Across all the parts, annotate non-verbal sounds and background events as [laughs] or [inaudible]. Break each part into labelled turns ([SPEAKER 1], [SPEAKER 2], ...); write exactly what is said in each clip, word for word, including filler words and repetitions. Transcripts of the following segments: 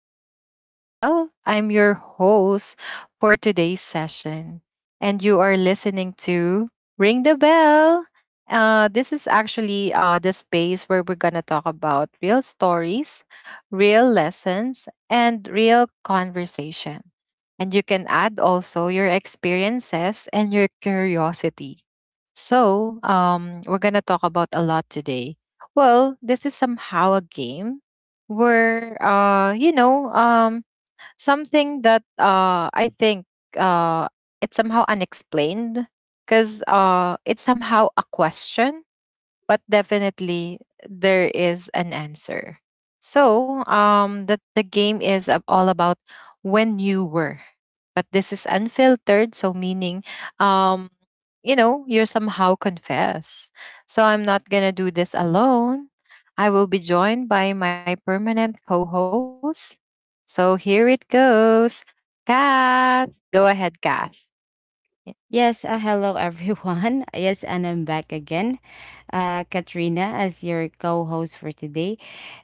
[SPEAKER 1] Uh, this is Belle. I'm your host for today's session. And you are listening to Ring the Bell. Uh, this is actually uh, the space where we're going to talk about real stories, real lessons, and real conversation. And you can add also your experiences and your curiosity. So, um, we're going to talk about a lot today. Well, this is somehow a game were uh you know um something that uh I think uh it's somehow unexplained because uh it's somehow a question, but definitely there is an answer. So, um, the, the game is ab- all about when you were, but this is unfiltered. So, meaning, um, you know, you're somehow confess. So, I'm not gonna do this alone. I will be joined by my permanent co-host. So, here it goes. Kath, go ahead, Kath. Yeah.
[SPEAKER 2] Yes, uh, hello everyone. [laughs] Yes, and I'm back again. Uh, Katrina as your co-host for today.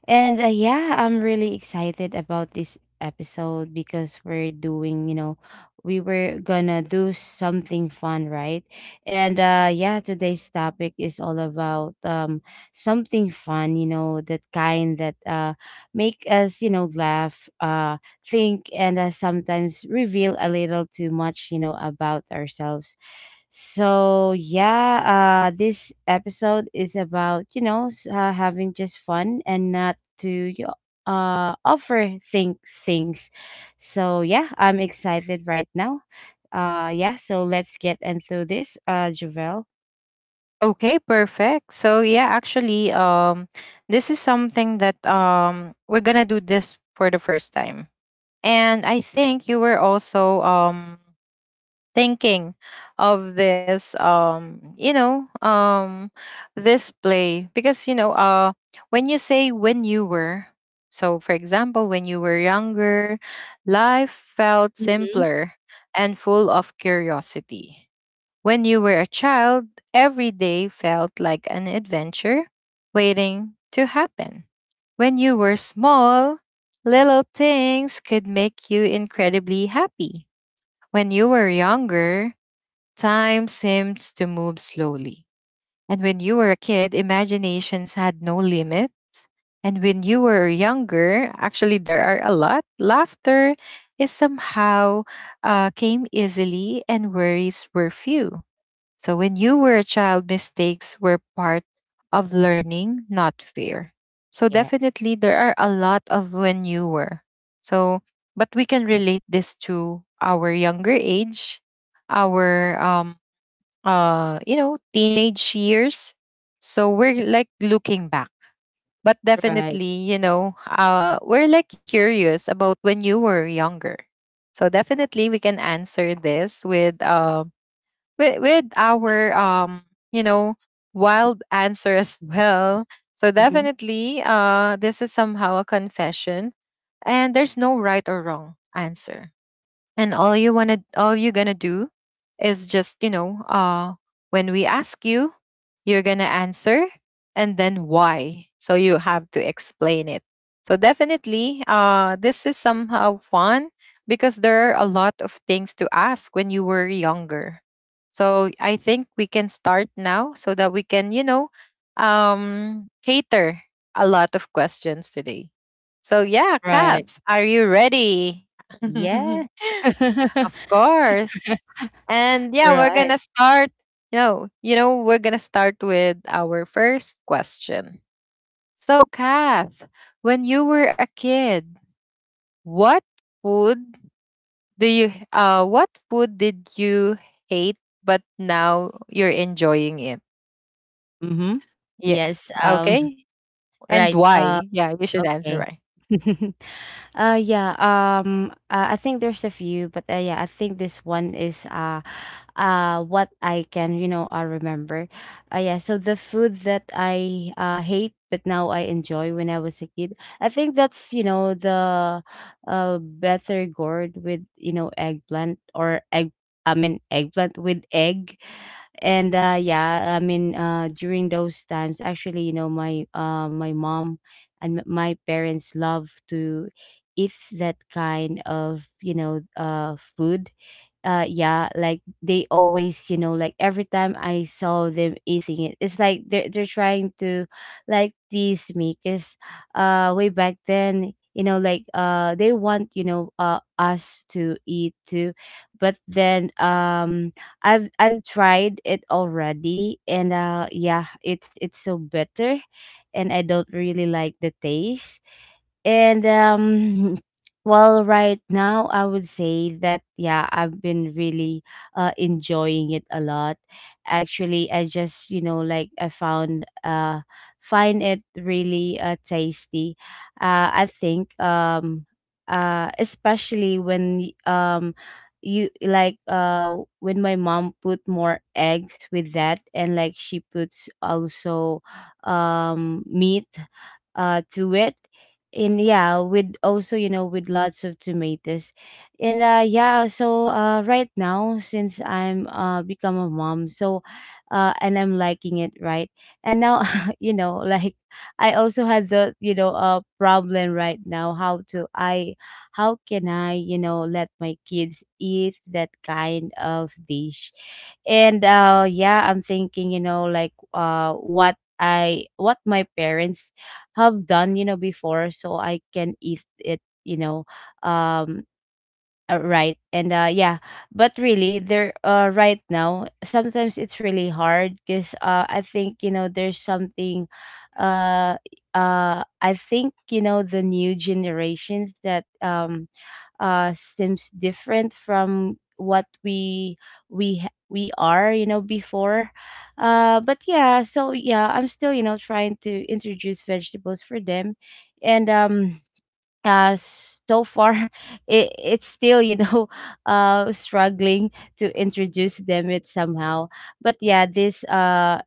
[SPEAKER 2] And uh, yeah, I'm really excited about this episode because we're doing, you know, we were gonna do something fun, right? And uh yeah, today's topic is all about um something fun, you know, that kind that uh make us, you know, laugh, uh think and uh, sometimes reveal a little too much, you know, about ourselves so yeah, uh, this episode is about you know s- uh, having just fun and not to y- uh overthink things. So yeah, I'm excited right now. Uh, yeah. So let's get into this, uh, Javel.
[SPEAKER 1] Okay, perfect. So yeah, actually, um, this is something that um we're gonna do this for the first time, and I think you were also um thinking of this um you know um this play because you know uh when you say when you were, so for example, when you were younger, life felt
[SPEAKER 2] Mm-hmm.
[SPEAKER 1] simpler and full of curiosity. When you were a child, every day felt like an adventure waiting to happen. When you were small, little things could make you incredibly happy. When you were younger, time seems to move slowly. And when you were a kid, imaginations had no limits. And when you were younger, actually, there are a lot. Laughter is somehow uh, came easily, and worries were few. So when you were a child, mistakes were part of learning, not fear. So
[SPEAKER 2] Yeah.
[SPEAKER 1] definitely, there are a lot of when you were. So, but we can relate this to our younger age, our um uh you know, teenage years, so we're like looking back, but
[SPEAKER 2] Right.
[SPEAKER 1] definitely, you know, uh we're like curious about when you were younger. So definitely, we can answer this with um with, with our um you know, wild answer [laughs] as well. So
[SPEAKER 2] Mhm.
[SPEAKER 1] definitely uh this is somehow a confession, and there's no right or wrong answer, and all you want to all you're going to do is just, you know, uh when we ask you, you're going to answer, and then why, so you have to explain it. So definitely uh this is somehow fun because there are a lot of things to ask when you were younger. So I think we can start now so that we can, you know, um cater a lot of questions today. So yeah,
[SPEAKER 2] Right.
[SPEAKER 1] Kath, are you ready?
[SPEAKER 2] Yeah.
[SPEAKER 1] [laughs] Of
[SPEAKER 2] [laughs]
[SPEAKER 1] course. And yeah, we're
[SPEAKER 2] Right.
[SPEAKER 1] gonna start. You know, you know, we're gonna start with our first question. So, Kath, when you were a kid, what food do you uh what food did you hate but now you're enjoying it?
[SPEAKER 2] Mm-hmm.
[SPEAKER 1] Yeah.
[SPEAKER 2] Yes. Um.
[SPEAKER 1] Okay. And
[SPEAKER 2] Right.
[SPEAKER 1] why? Yeah, you should answer.
[SPEAKER 2] Okay. [laughs] Uh yeah, um uh, I think there's a few, but uh, yeah, I think this one is uh uh what I can, you know, uh, remember. Uh yeah, so the food that I uh hate but now I enjoy when I was a kid. I think that's, you know, the uh better gourd with, you know, eggplant or egg I mean eggplant with egg and uh yeah i mean uh during those times actually you know my uh my mom and m- my parents love to eat that kind of you know uh food. uh yeah, like they always you know, like every time I saw them eating it, it's like they're, they're trying to like tease me because uh way back then, you know, like uh they want you know uh us to eat too. But then um i've i've tried it already, and uh yeah, it's it's so bitter, and I don't really like the taste. And um [laughs] Well, right now I would say that yeah, I've been really uh enjoying it a lot. Actually, I just, you know, like I found uh find it really uh tasty. Uh I think um uh especially when um you like uh when my mom put more eggs with that, and like she puts also um meat uh to it, and yeah with also you know with lots of tomatoes. And uh yeah so uh Right now, since I'm uh become a mom, so uh and I'm liking it right. And now [laughs] you know like I also had the you know uh problem right now how to i how can I, you know, let my kids eat that kind of dish. And uh yeah, I'm thinking you know like uh what I what my parents have done, you know, before so I can eat it, you know, um uh, right. And uh yeah, but really there uh right now sometimes it's really hard because uh I think you know there's something uh uh I think you know the new generations that um uh seems different from what we we ha- we are, you know, before. uh but yeah, so yeah, I'm still, you know, trying to introduce vegetables for them. And um uh so far [laughs] it, it's still you know [laughs] uh struggling to introduce them it somehow. But yeah, this uh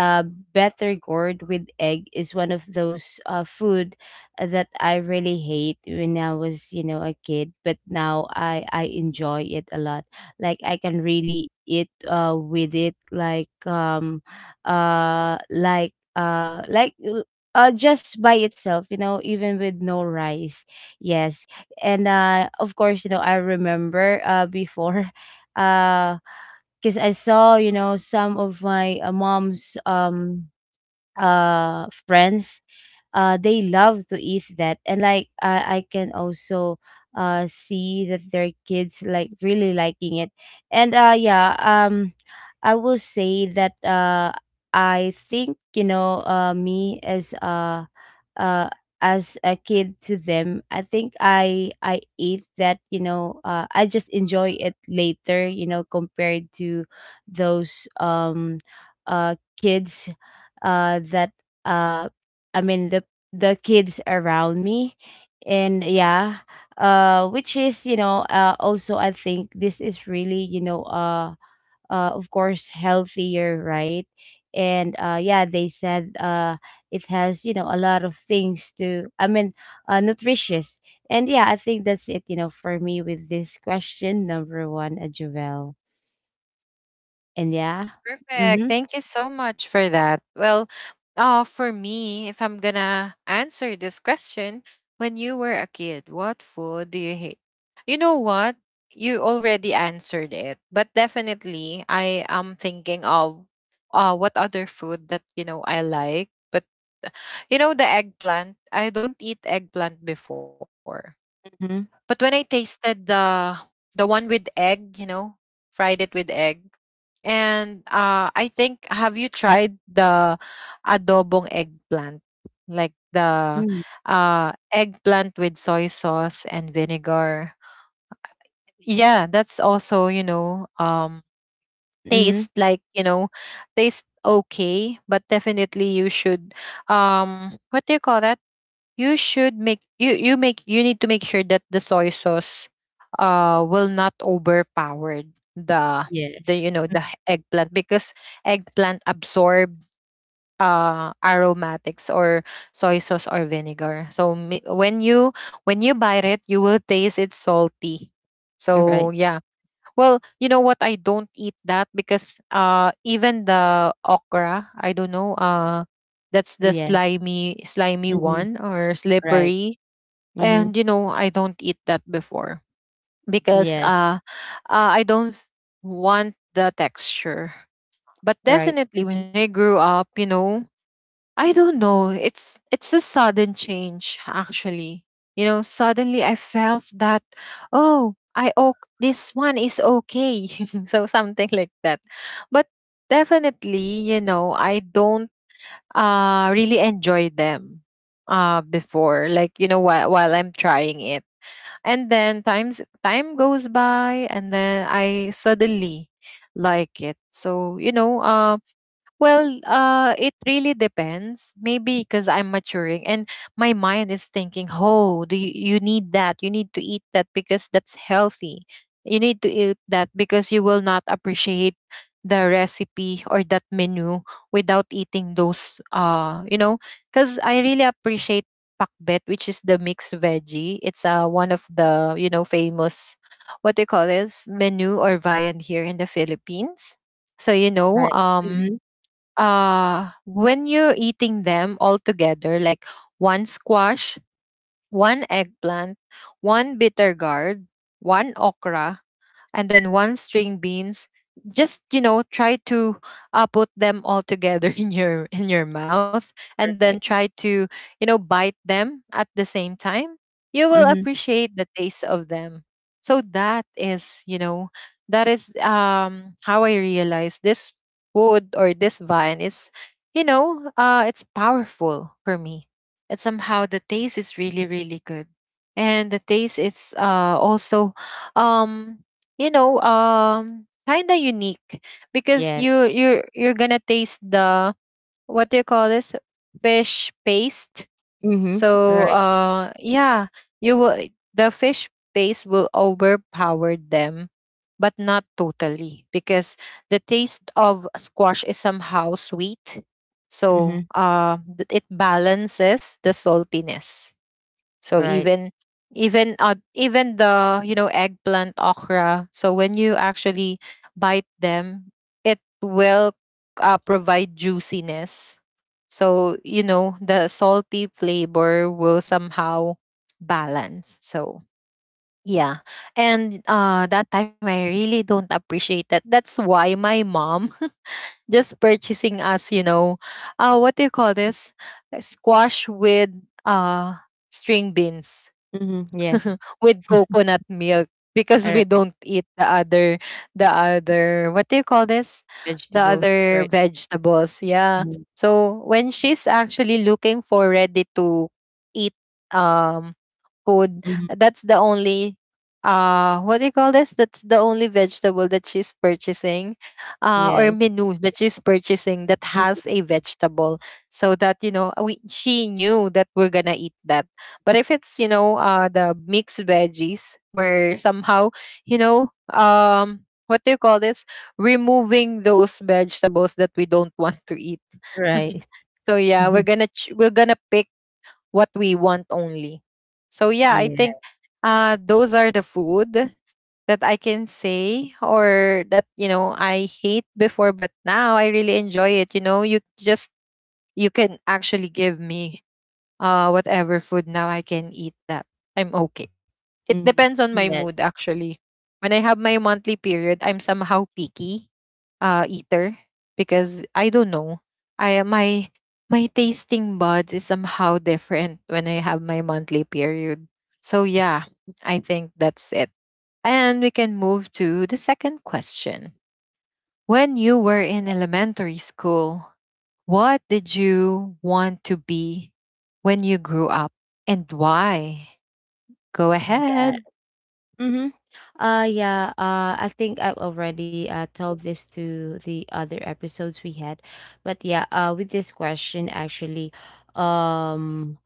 [SPEAKER 2] uh, better gourd with egg is one of those uh, food, uh, that I really hate when I was, you know, a kid, but now I I enjoy it a lot. Like I can really eat uh with it like um uh like uh like l- uh just by itself, you know, even with no rice. Yes. And uh of course, you know, I remember uh before [laughs] uh because I saw, you know, some of my uh, mom's um uh friends. uh they love to eat that, and like i i can also uh see that their kids like really liking it. And uh yeah um i will say that uh I think you know uh me as uh uh as a kid to them, I think i i ate that you know, uh, I just enjoy it later you know compared to those um uh kids uh that uh I mean the the kids around me. And yeah, uh which is, you know, uh also I think this is really, you know, uh uh of course healthier, right? And uh yeah, they said uh it has, you know, a lot of things to i mean uh nutritious. And yeah, I think that's it, you know, for me with this question number one, uh, Jovel. And yeah.
[SPEAKER 1] Perfect.
[SPEAKER 2] Mm-hmm.
[SPEAKER 1] Thank you so much for that. Well, uh, for me, if I'm gonna answer this question, when you were a kid, what food do you hate? You know what? You already answered it, but definitely I am thinking of uh what other food that you know I like. But you know, the eggplant, I don't eat eggplant before.
[SPEAKER 2] Mm-hmm.
[SPEAKER 1] But when I tasted the the one with egg, you know, fried it with egg. And uh, I think, have you tried the adobong eggplant? Like the uh, eggplant with soy sauce and vinegar. Yeah, that's also, you know, um
[SPEAKER 2] Mm-hmm.
[SPEAKER 1] taste like, you know, taste okay, but definitely you should um what do you call that? You should make you you make you need to make sure that the soy sauce uh will not overpower the the
[SPEAKER 2] Yes.
[SPEAKER 1] you know, the h- eggplant, because eggplant absorb uh aromatics or soy sauce or vinegar, so mi- when you when you bite it, you will taste it's salty.
[SPEAKER 2] All right.
[SPEAKER 1] So yeah, well, you know what? I don't eat that because uh even the okra, I don't know, uh that's the
[SPEAKER 2] Yes.
[SPEAKER 1] slimy slimy
[SPEAKER 2] Mm-hmm.
[SPEAKER 1] one or
[SPEAKER 2] Right.
[SPEAKER 1] slippery.
[SPEAKER 2] Mm-hmm.
[SPEAKER 1] And you know, I don't eat that before because
[SPEAKER 2] Yes.
[SPEAKER 1] uh, uh I don't want the texture. But
[SPEAKER 2] Right.
[SPEAKER 1] definitely
[SPEAKER 2] Mhm.
[SPEAKER 1] when I grew up, you know, I don't know. It's it's a sudden change actually. You know, suddenly I felt that oh, I oh this one is okay. [laughs] So something like that. But definitely, you know, I don't uh really enjoy them uh before, like you know, while, while I'm trying it. And then times time goes by, and then I suddenly like it. So, you know, um, well, uh, it really depends. Maybe because I'm maturing, and my mind is thinking, oh, do you, you need that? You need to eat that because that's healthy. You need to eat that because you will not appreciate the recipe or that menu without eating those. Uh, you know, because I really appreciate pakbet, which is the mixed veggie. It's uh, one of the you know, famous what they call this menu or viand here in the Philippines. So you know,
[SPEAKER 2] Right.
[SPEAKER 1] um,
[SPEAKER 2] Mhm.
[SPEAKER 1] uh when you're eating them all together, like one squash, one eggplant, one bitter gourd, one okra, and then one string beans, just you know, try to uh, put them all together [laughs] in your in your mouth, and then
[SPEAKER 2] Right.
[SPEAKER 1] try to, you know, bite them at the same time, you will
[SPEAKER 2] Mhm.
[SPEAKER 1] appreciate the taste of them. So that is, you know, that is um how I realized this wood or this vine is, you know, uh it's powerful for me, and somehow the taste is really really good. And the taste is uh also um you know, um kind of unique because
[SPEAKER 2] Yes.
[SPEAKER 1] you you're you're gonna taste the, what do you call this, fish paste.
[SPEAKER 2] Mhm.
[SPEAKER 1] So
[SPEAKER 2] Right.
[SPEAKER 1] uh yeah, you will, the fish paste will overpower them, but not totally, because the taste of squash is somehow sweet. So
[SPEAKER 2] Mhm.
[SPEAKER 1] uh, th- it balances the saltiness. So
[SPEAKER 2] Right.
[SPEAKER 1] even, even uh, even the you know, eggplant, okra. So when you actually bite them, it will uh, provide juiciness. So you know, the salty flavor will somehow balance. So yeah, and uh, that time I really don't appreciate that. That's why my mom [laughs] just purchasing us, you know, uh, what do you call this? Squash with uh string beans.
[SPEAKER 2] Mhm.
[SPEAKER 1] [laughs]
[SPEAKER 2] Yes.
[SPEAKER 1] With coconut milk, because
[SPEAKER 2] All
[SPEAKER 1] we
[SPEAKER 2] right.
[SPEAKER 1] don't eat the other, the other, what do you call this, the
[SPEAKER 2] Vegetables.
[SPEAKER 1] other
[SPEAKER 2] Right.
[SPEAKER 1] vegetables, yeah.
[SPEAKER 2] Mhm.
[SPEAKER 1] So when she's actually looking for ready to eat um food.
[SPEAKER 2] Mhm.
[SPEAKER 1] That's the only uh what do you call this? That's the only vegetable that she's purchasing uh or
[SPEAKER 2] Yes.
[SPEAKER 1] menu that she's purchasing that
[SPEAKER 2] Mhm.
[SPEAKER 1] has a vegetable. So that, you know, we she knew that we're gonna eat that. But if it's, you know, uh the mixed veggies where somehow, you know, um what do you call this? Removing those vegetables that we don't want to eat. [laughs]
[SPEAKER 2] Right.
[SPEAKER 1] So yeah, we're
[SPEAKER 2] [laughs] Mhm.
[SPEAKER 1] gonna ch- we're gonna pick what we want only. So yeah, I think
[SPEAKER 2] Yeah.
[SPEAKER 1] uh those are the food that I can say, or that you know, I hate before, but now I really enjoy it. You know, you just, you can actually give me uh whatever food now, I can eat that. I'm okay. It
[SPEAKER 2] Mhm.
[SPEAKER 1] depends on
[SPEAKER 2] [laughs]
[SPEAKER 1] my
[SPEAKER 2] Yes.
[SPEAKER 1] mood actually. When I have my monthly period, I'm somehow picky uh eater, because I don't know. I my my tasting buds is somehow different when I have my monthly period. So yeah, I think that's it. And we can move to the second question. When you were in
[SPEAKER 2] Yeah.
[SPEAKER 1] elementary school, what did you want to be when you grew up, and why? Go
[SPEAKER 2] Yeah.
[SPEAKER 1] ahead.
[SPEAKER 2] Mhm. Uh yeah, uh I think I've already uh told this to the other episodes we had. But yeah, uh with this question actually, um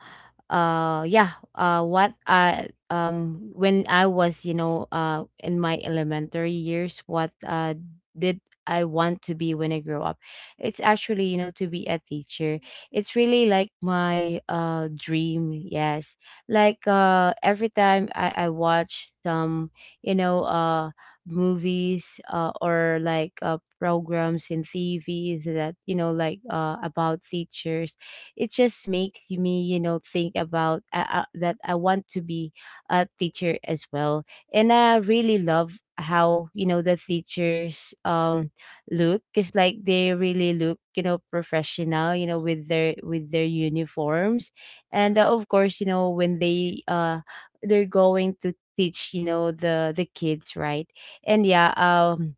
[SPEAKER 2] uh yeah uh what I um when I was, you know, uh in my elementary years, what uh did I want to be when I grow up? It's actually, you know, to be a teacher. It's really like my uh dream. Yes, like uh every time i i watch some, you know, uh movies, uh, or like uh programs in TV that you know like uh about teachers, it just makes me you know think about uh, uh, that I want to be a teacher as well. And I really love how you know the teachers um look, because like they really look you know professional, you know, with their with their uniforms. And uh, of course, you know, when they uh they're going to teach you know the the kids, right? And yeah, um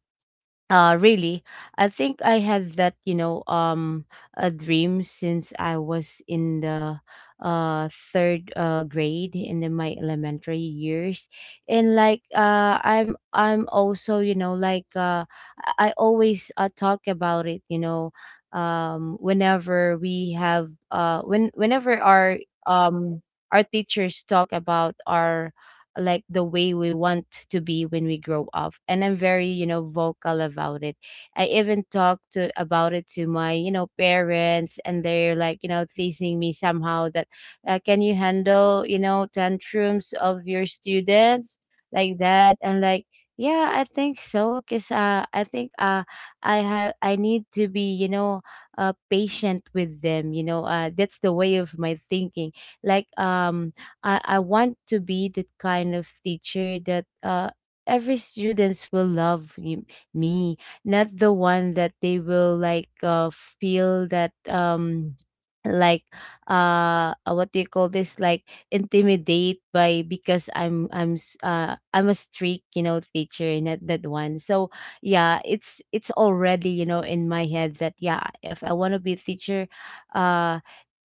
[SPEAKER 2] uh, really, I think I had that, you know, um, a dream since I was in the uh third uh grade in the, my elementary years, and like uh, I'm I'm also, you know, like uh, I I always uh, talk about it, you know, um, whenever we have uh when whenever our um our teachers talk about our like the way we want to be when we grow up, and I'm very you know vocal about it. I even talked to, about it to my you know parents, and they're like you know teasing me somehow that uh, can you handle you know tantrums of your students, like that, and like yeah, I think so, because uh, I think uh, I have I need to be you know uh, patient with them, you know, uh, that's the way of my thinking. Like um I, I want to be that kind of teacher that uh, every students will love y- me, not the one that they will like uh, feel that um like uh uh, what do you call this, like intimidate by because i'm i'm s- uh i'm a strict you know teacher, not that one. So yeah, it's it's already you know in my head that yeah, if I want to be a teacher, uh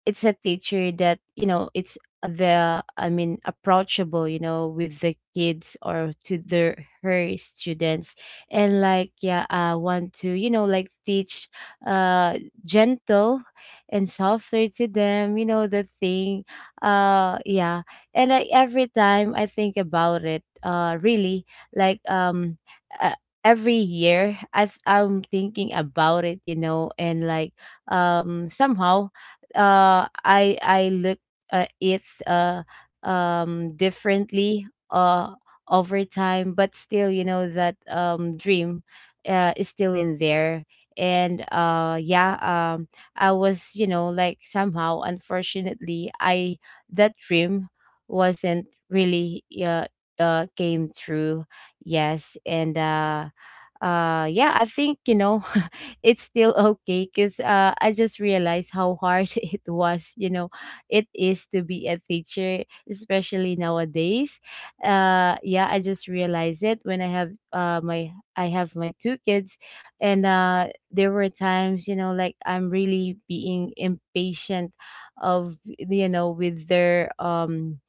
[SPEAKER 2] it's a teacher that, you know, it's uh, the I mean approachable you know with the kids or to their her students. And like yeah, I want to you know like teach uh gentle and softer to them, you know, the thing. uh yeah. And I, every time I think about it uh really, like um uh, every year i th- i'm thinking about it, you know, and like um somehow uh i i look uh it's uh um differently uh over time, but still you know that um dream uh is still in there. And uh yeah um I was, you know, like somehow unfortunately, I that dream wasn't really uh uh came true. Yes. And uh uh yeah, I think you know [laughs] it's still okay because uh I just realized how hard [laughs] it was, you know, it is to be a teacher, especially nowadays. uh yeah, I just realized it when I have uh my I have my two kids. And uh there were times, you know, like I'm really being impatient of you know with their um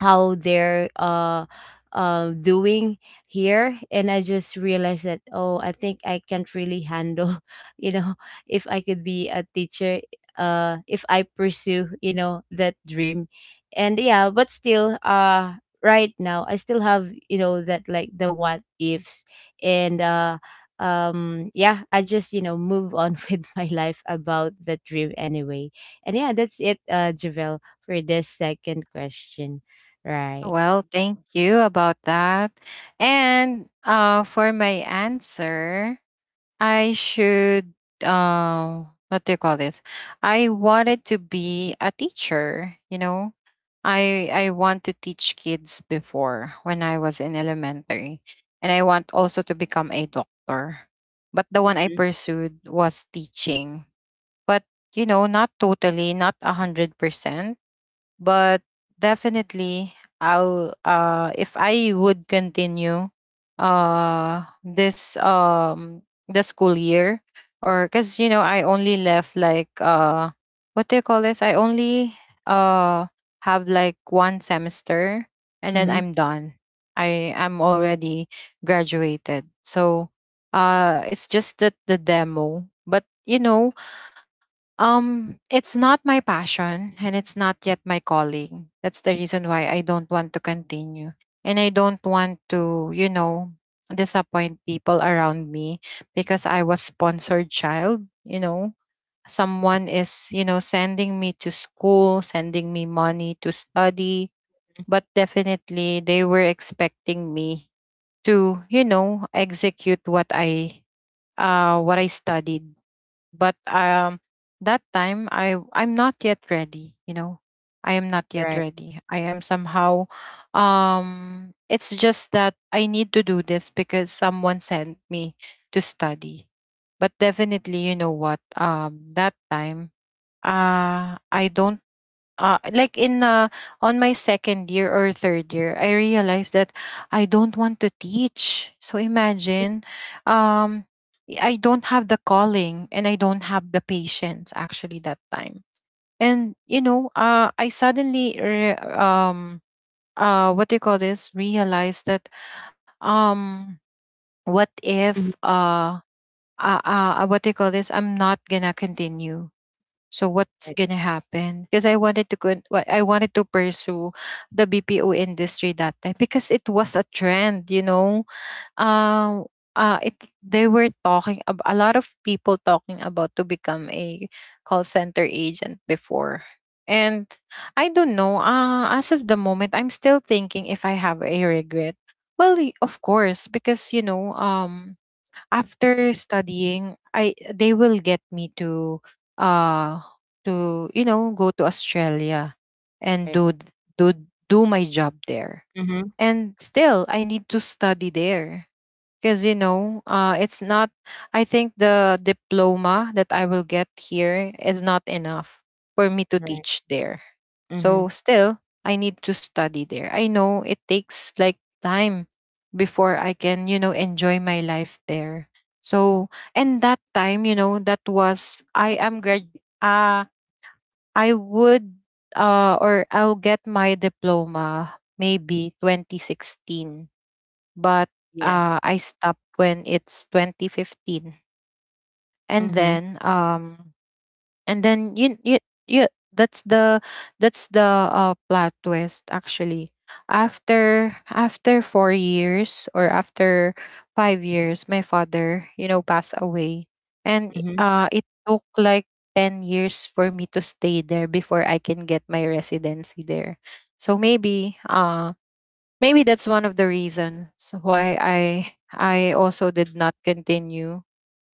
[SPEAKER 2] how they're uh uh doing here, and I just realized that, oh, I think I can't really handle [laughs] you know if I could be a teacher, uh if I pursue you know that dream. And yeah, but still, uh right now I still have you know that like the what ifs. And uh um yeah, I just you know move on [laughs] with my life about the dream anyway. And yeah, that's it, uh Javel, for this second question. Right.
[SPEAKER 1] Well, thank you about that. And uh, for my answer, I should uh what do you call this? I wanted to be a teacher, you know. I I want to teach kids before when I was in elementary. And I want also to become a doctor. But the one I
[SPEAKER 2] Mhm.
[SPEAKER 1] pursued was teaching. But you know, not totally, not a hundred percent, but definitely I'll uh if I would continue uh this um the school year, or because you know, I only left like uh what do you call this, I only uh have like one semester, and then
[SPEAKER 2] Mhm.
[SPEAKER 1] I'm done. I am already graduated. So uh it's just that the demo, but you know, um, it's not my passion, and it's not yet my calling. That's the reason why I don't want to continue. And I don't want to, you know, disappoint people around me, because I was sponsored child, you know. Someone is, you know, sending me to school, sending me money to study, but definitely they were expecting me to, you know, execute what I uh what I studied but um that time i i'm not yet ready you know I am not yet
[SPEAKER 2] Right.
[SPEAKER 1] ready. I am somehow, um it's just that I need to do this because someone sent me to study. But definitely, you know what, um that time, uh I don't, uh, like in uh, on my second year or third year I realized that I don't want to teach. So imagine, um I don't have the calling and I don't have the patience, actually, that time. And you know, uh, I suddenly re- um uh what do you call this realized that, um what if,
[SPEAKER 2] Mhm.
[SPEAKER 1] uh uh, uh what do you call this I'm not gonna continue? So what's
[SPEAKER 2] Right,
[SPEAKER 1] gonna happen? Because I wanted to go, I wanted to pursue the B P O industry that time because it was a trend, you know. Um, uh, it They were talking ab- a lot of people talking about to become a call center agent before. And I don't know. Uh, as of the moment, I'm still thinking if I have a regret. Well, y- of course, because you know, um, after studying, I they will get me to, uh to you know go to Australia and
[SPEAKER 2] right.
[SPEAKER 1] do th- do do my job there.
[SPEAKER 2] Mhm.
[SPEAKER 1] And still I need to study there because, you know, uh it's not, I think the diploma that I will get here is not enough for me to
[SPEAKER 2] Right.
[SPEAKER 1] teach there.
[SPEAKER 2] Mhm.
[SPEAKER 1] So still I need to study there. I know it takes like time before I can, you know, enjoy my life there. So, and that time, you know, that was, I am grad uh I would uh or I'll get my diploma maybe twenty sixteen. but
[SPEAKER 2] Yeah.
[SPEAKER 1] uh, I stopped when it's two thousand fifteen. And
[SPEAKER 2] Mhm.
[SPEAKER 1] then, um and then you you, you that's the that's the uh, plot twist, actually. After after four years or after five years my father, you know, passed away. And
[SPEAKER 2] Mhm.
[SPEAKER 1] uh it took like ten years for me to stay there before I can get my residency there. So maybe uh maybe that's one of the reasons why I I also did not continue.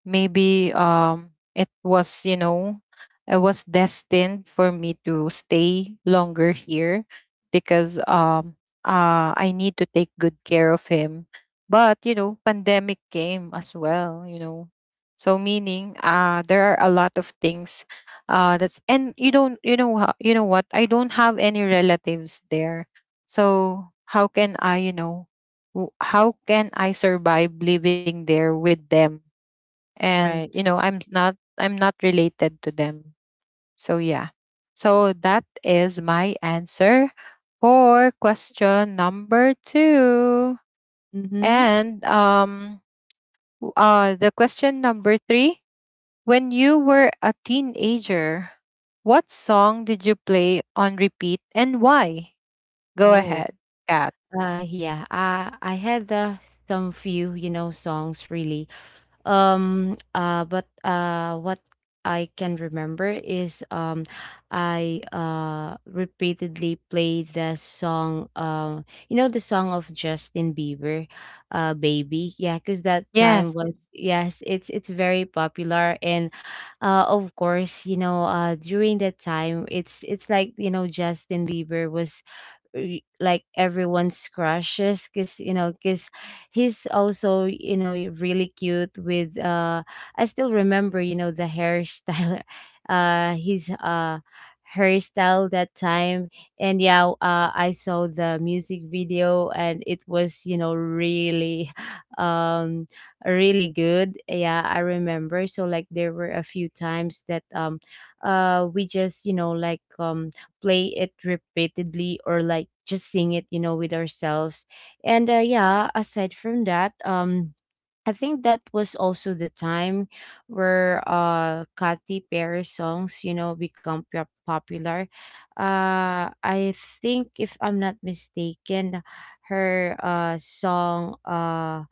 [SPEAKER 1] Maybe, um it was, you know, it was destined for me to stay longer here because, um uh I need to take good care of him. But you know, pandemic came as well, you know, so meaning, uh there are a lot of things uh that's and you don't, you know, ho- you know what, I don't have any relatives there. So how can I, you know, w- how can I survive living there with them? And
[SPEAKER 2] Right.
[SPEAKER 1] you know, i'm not i'm not related to them. So yeah. So that is my answer for question number two.
[SPEAKER 2] Mhm.
[SPEAKER 1] And um w- uh the question number three. When you were a teenager, what song did you play on repeat and why? Go
[SPEAKER 2] Oh.
[SPEAKER 1] ahead, Kat.
[SPEAKER 2] Uh, yeah, I I had, the some few, you know, songs really. Um, uh, but uh, what I can remember is um, I uh, repeatedly played the song, um, you know, the song of Justin Bieber, uh, "Baby." Yeah, because that time
[SPEAKER 1] Yes.
[SPEAKER 2] was, yes, it's it's very popular, and uh, of course, you know, uh, during that time, it's it's like, you know, Justin Bieber was y- like everyone's crushes, because you know because he's also, you know really cute with, uh I still remember, you know the hairstyle, [laughs] uh his uh hairstyle that time. And yeah, uh, I saw the music video, and it was, you know really [laughs] um really good. Yeah, I remember, so like there were a few times that um uh we just, you know like, um play it repeatedly, or like just sing it, you know with ourselves. And uh, yeah, aside from that, um I think that was also the time where uh Katy Perry songs, you know, become pop- popular. Uh I think, if I'm not mistaken, her uh song, uh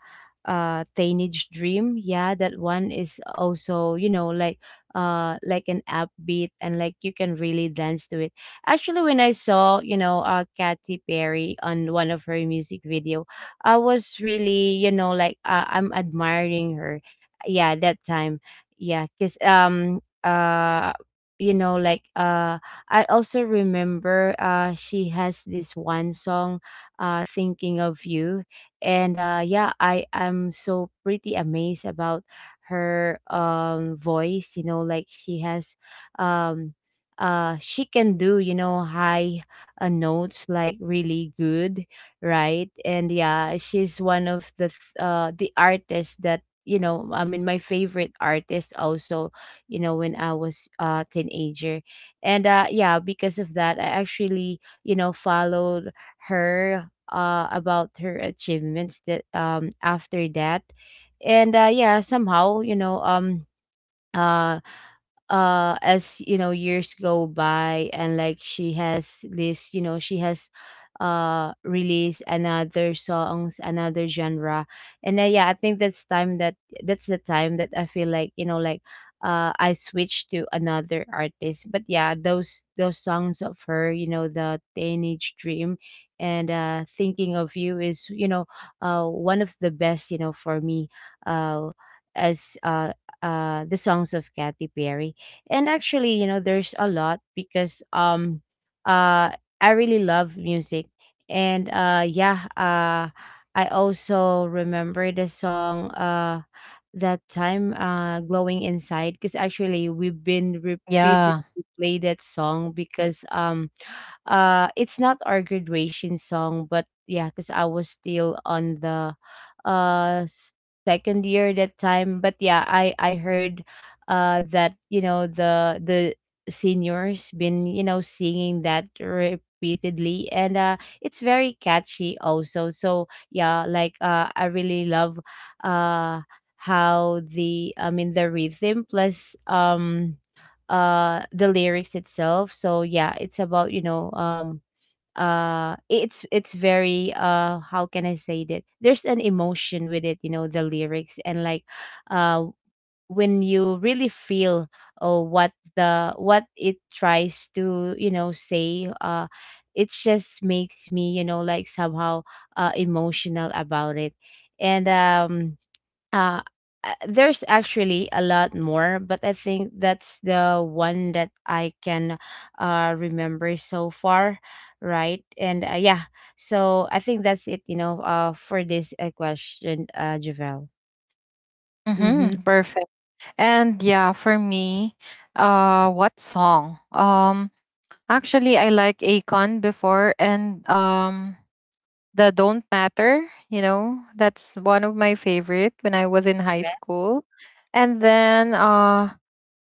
[SPEAKER 2] uh Teenage Dream, yeah, that one is also, you know, like uh like an upbeat, and like you can really dance to it. Actually, when I saw, you know, uh Katy Perry on one of her music video, I was really, you know, like uh, I'm admiring her. Yeah, that time. Yeah, cause um uh you know, like, uh I also remember, uh she has this one song, uh Thinking of You. And uh yeah, I I'm so pretty amazed about her, um voice, you know, like, she has um uh she can do, you know, high uh, notes like really good, right? And yeah, she's one of the th- uh the artists that, you know, I mean, my favorite artist also, you know, when I was a teenager. And uh yeah, because of that, I actually, you know, followed her, uh about her achievements, that um after that. And uh yeah, somehow, you know, um uh uh as you know, years go by, and like, she has this, you know, she has uh released another songs, another genre. And uh, yeah, I think that's time that that's the time that I feel like, you know, like uh I switched to another artist. But yeah, those those songs of her, you know, the Teenage Dream and uh Thinking of You, is, you know, uh one of the best, you know, for me, uh as uh uh the songs of Katy Perry. And actually, you know, there's a lot, because um uh I really love music. And uh yeah, uh I also remember the song, uh that time, uh Glowing Inside, because actually we've been repeatedly
[SPEAKER 1] Yeah.
[SPEAKER 2] play that song, because um uh it's not our graduation song, but yeah, because I was still on the uh s- second year that time. But yeah, i i heard uh that, you know, the the seniors been, you know, singing that repeatedly. And uh it's very catchy also, so yeah, like, uh I really love, uh how the, I mean, the rhythm, plus um uh the lyrics itself. So yeah, it's about, you know, um uh it's it's very uh how can I say that, there's an emotion with it, you know, the lyrics, and like, uh when you really feel, oh, what the what it tries to, you know, say, uh it just makes me, you know, like, somehow uh emotional about it. And um uh, uh, there's actually a lot more, but I think that's the one that I can uh, remember so far, right? And uh, yeah, so I think that's it, you know, uh, for this uh, question, uh, Javel. Mm-hmm.
[SPEAKER 1] Mm-hmm. Perfect. And yeah, for me, uh what song um actually, I like Akon before, and um the Don't Matter, you know, that's one of my favorite when I was in high
[SPEAKER 2] Yeah.
[SPEAKER 1] school. And then, uh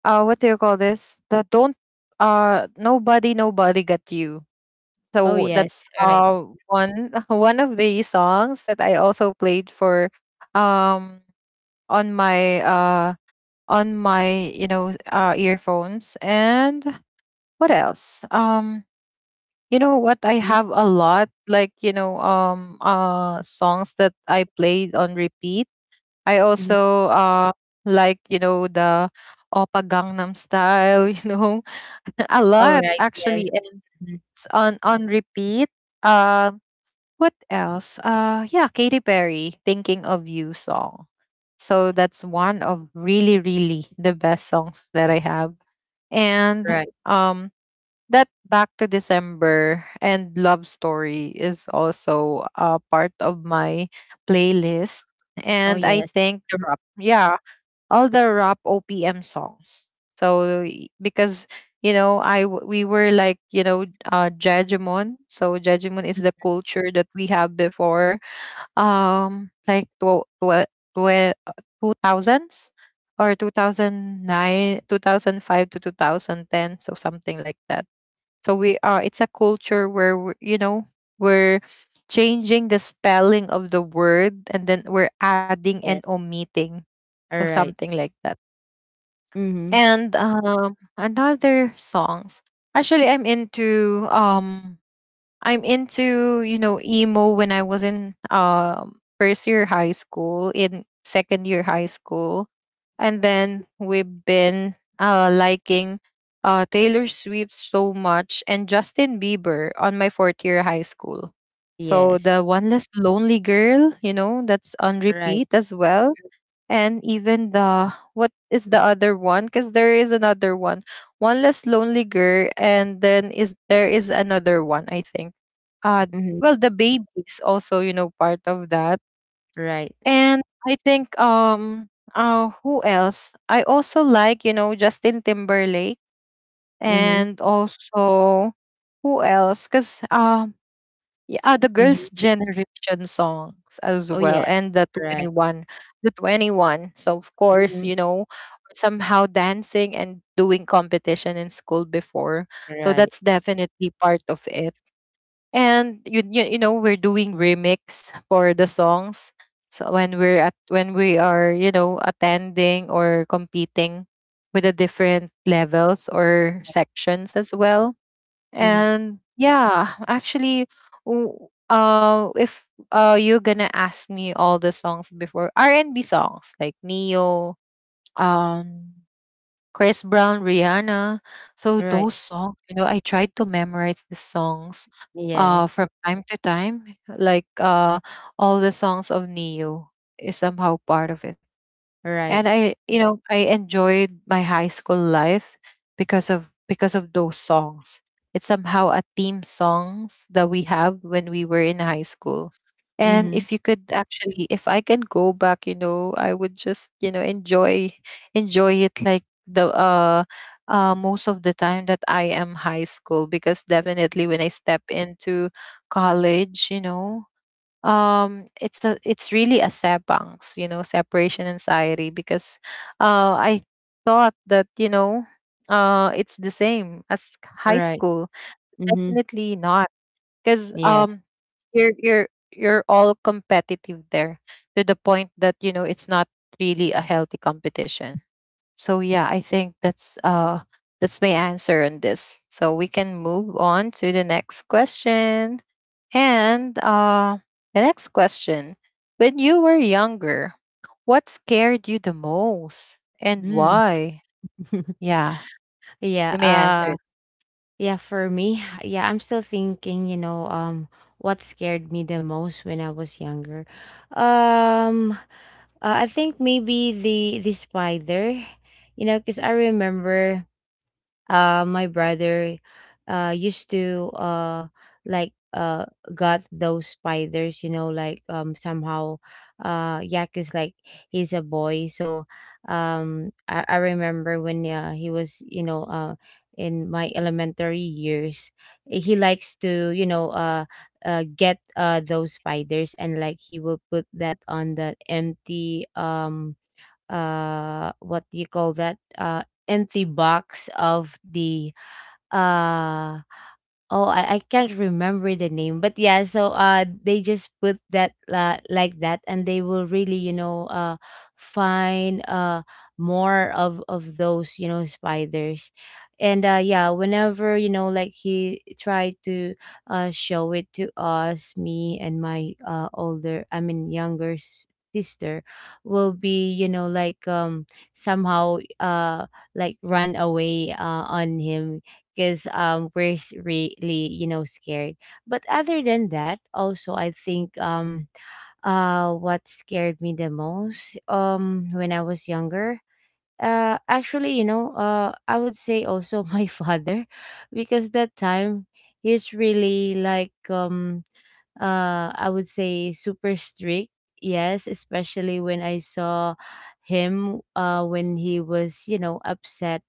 [SPEAKER 1] uh what do you call this? The Don't uh Nobody Nobody Got You.
[SPEAKER 2] Oh,
[SPEAKER 1] So
[SPEAKER 2] yes.
[SPEAKER 1] that's
[SPEAKER 2] All right.
[SPEAKER 1] uh one [laughs] one of the songs that I also played for, um on my uh on my, you know, uh earphones. And what else? Um you know what? I
[SPEAKER 2] Mhm.
[SPEAKER 1] have a lot, like, you know, um uh songs that I played on repeat. I
[SPEAKER 2] Mhm.
[SPEAKER 1] also uh like, you know, the Opa Gangnam style, [laughs] you know. [laughs] A
[SPEAKER 2] All
[SPEAKER 1] lot,
[SPEAKER 2] right. Yes.
[SPEAKER 1] actually. And
[SPEAKER 2] Mhm.
[SPEAKER 1] it's on on repeat. Um what else? Uh yeah, Katy Perry, Thinking of You song. So that's one of really really the best songs that I have. And,
[SPEAKER 2] Right.
[SPEAKER 1] um that back to December and love story is also a part of my playlist.
[SPEAKER 2] Oh,
[SPEAKER 1] And I
[SPEAKER 2] yes.
[SPEAKER 1] think the
[SPEAKER 2] Mhm.
[SPEAKER 1] rap, yeah, all the rap O P M songs. So, y- because you know, I w- we were like, you know, uh, Jajimon. So Jajimon is the culture that we have before, um, like tw- tw- tw- two thousands or two thousand nine two thousand five to two thousand ten so something like that. So we, uh it's a culture where we're, you know, we're changing the spelling of the word, and then we're adding and
[SPEAKER 2] Yeah.
[SPEAKER 1] omitting. So
[SPEAKER 2] All right.
[SPEAKER 1] something like that.
[SPEAKER 2] Mm-hmm.
[SPEAKER 1] And um another songs. Actually, I'm into um I'm into, you know, emo when I was in um first year high school, in second year high school. And then we've been uh liking uh Taylor Swift so much, and Justin Bieber on my fourth year high school. So
[SPEAKER 2] Yes.
[SPEAKER 1] the one less lonely girl, you know, that's on
[SPEAKER 2] Right.
[SPEAKER 1] repeat as well. And even the, what is the other one? Because there is another one, one less lonely girl, and then is there is another one, I think, uh
[SPEAKER 2] Mm-hmm.
[SPEAKER 1] well the baby is also, you know, part of that.
[SPEAKER 2] Right.
[SPEAKER 1] And I think, um uh who else? I also like, you know, Justin Timberlake.
[SPEAKER 2] Mm-hmm.
[SPEAKER 1] And also, who else? Because yeah, uh, the
[SPEAKER 2] Mm-hmm.
[SPEAKER 1] Girls' Generation songs as
[SPEAKER 2] Oh,
[SPEAKER 1] well,
[SPEAKER 2] yes.
[SPEAKER 1] and the
[SPEAKER 2] Right.
[SPEAKER 1] twenty-one, the twenty-one. So of course,
[SPEAKER 2] Mm-hmm.
[SPEAKER 1] you know, somehow dancing and doing competition in school before. So
[SPEAKER 2] Right.
[SPEAKER 1] that's definitely part of it. And you you, you know, we're doing remix for the songs. So when we're at, when we are, you know, attending or competing with the different levels or sections as well.
[SPEAKER 2] Mm-hmm.
[SPEAKER 1] And yeah, actually, w- uh, if uh, you're gonna ask me, all the songs before, R and B songs like Neo, um, Chris Brown, Rihanna, so
[SPEAKER 2] Right.
[SPEAKER 1] those songs, you know, I tried to memorize the songs, uh,
[SPEAKER 2] Yes.
[SPEAKER 1] from time to time. Like, uh, all the songs of Neo is somehow part of it.
[SPEAKER 2] Right.
[SPEAKER 1] And I, you know, I enjoyed my high school life because of because of those songs. It's somehow a theme songs that we have when we were in high school. And
[SPEAKER 2] Mhm.
[SPEAKER 1] if you could, actually, if I can go back, you know, I would just, you know, enjoy enjoy it like the uh uh most of the time that I am high school. Because definitely when I step into college, you know, um it's a, it's really a sebangs, you know, separation anxiety, because uh I thought that, you know, uh it's the same as high
[SPEAKER 2] Right.
[SPEAKER 1] school.
[SPEAKER 2] Mhm.
[SPEAKER 1] Definitely not, because,
[SPEAKER 2] Yeah.
[SPEAKER 1] um you're you're you're all competitive there, to the point that, you know, it's not really a healthy competition. So yeah, I think that's uh that's my answer on this. So we can move on to the next question. And uh the next question. When you were younger, what scared you the most and
[SPEAKER 2] Mm.
[SPEAKER 1] why?
[SPEAKER 2] [laughs]
[SPEAKER 1] Yeah,
[SPEAKER 2] Yeah.
[SPEAKER 1] you may answer
[SPEAKER 2] Uh
[SPEAKER 1] it.
[SPEAKER 2] yeah, for me, yeah, I'm still thinking, you know, um what scared me the most when I was younger. Um uh, I think maybe the the spider, you know, because I remember uh my brother uh used to uh like uh got those spiders, you know, like, um somehow, uh yeah, cause like, he's a boy. So um i, I remember when, uh, he was, you know, uh in my elementary years, he likes to, you know, uh uh, get, uh those spiders, and like, he will put that on the empty, um uh what do you call that, uh empty box of the uh oh, I, I can't remember the name, but yeah. So uh, they just put that, uh, like that, and they will really, you know, uh, find uh more of of those, you know, spiders. And uh, yeah. Whenever, you know, like, he tried to uh show it to us, me and my uh older, I mean, younger s- sister, will be, you know, like, um somehow uh like, run away uh on him, because um we're s- really, you know, scared. But other than that, also, I think um uh what scared me the most, um when I was younger, uh actually, you know, uh I would say also, [laughs] my father, because that time, he's really like, um uh I would say, super strict. Yes, especially when I saw him, uh when he was, you know, upset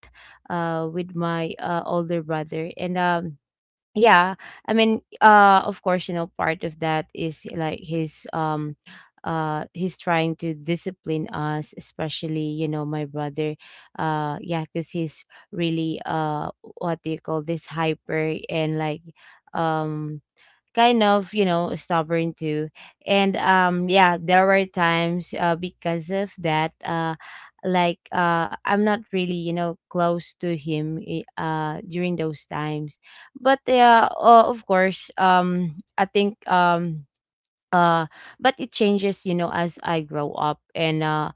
[SPEAKER 2] uh with my uh older brother. And um yeah, I mean, uh of course, you know, part of that is like, his um uh he's trying to discipline us, especially, you know, my brother, uh yeah, because he's really uh what do you call this, hyper, and like, um kind of, you know, stubborn too. And um yeah, there were times, uh, because of that, uh like uh I'm not really, you know, close to him, i- uh during those times. But yeah, uh, of course, um I think, um uh but it changes, you know, as I grow up. and uh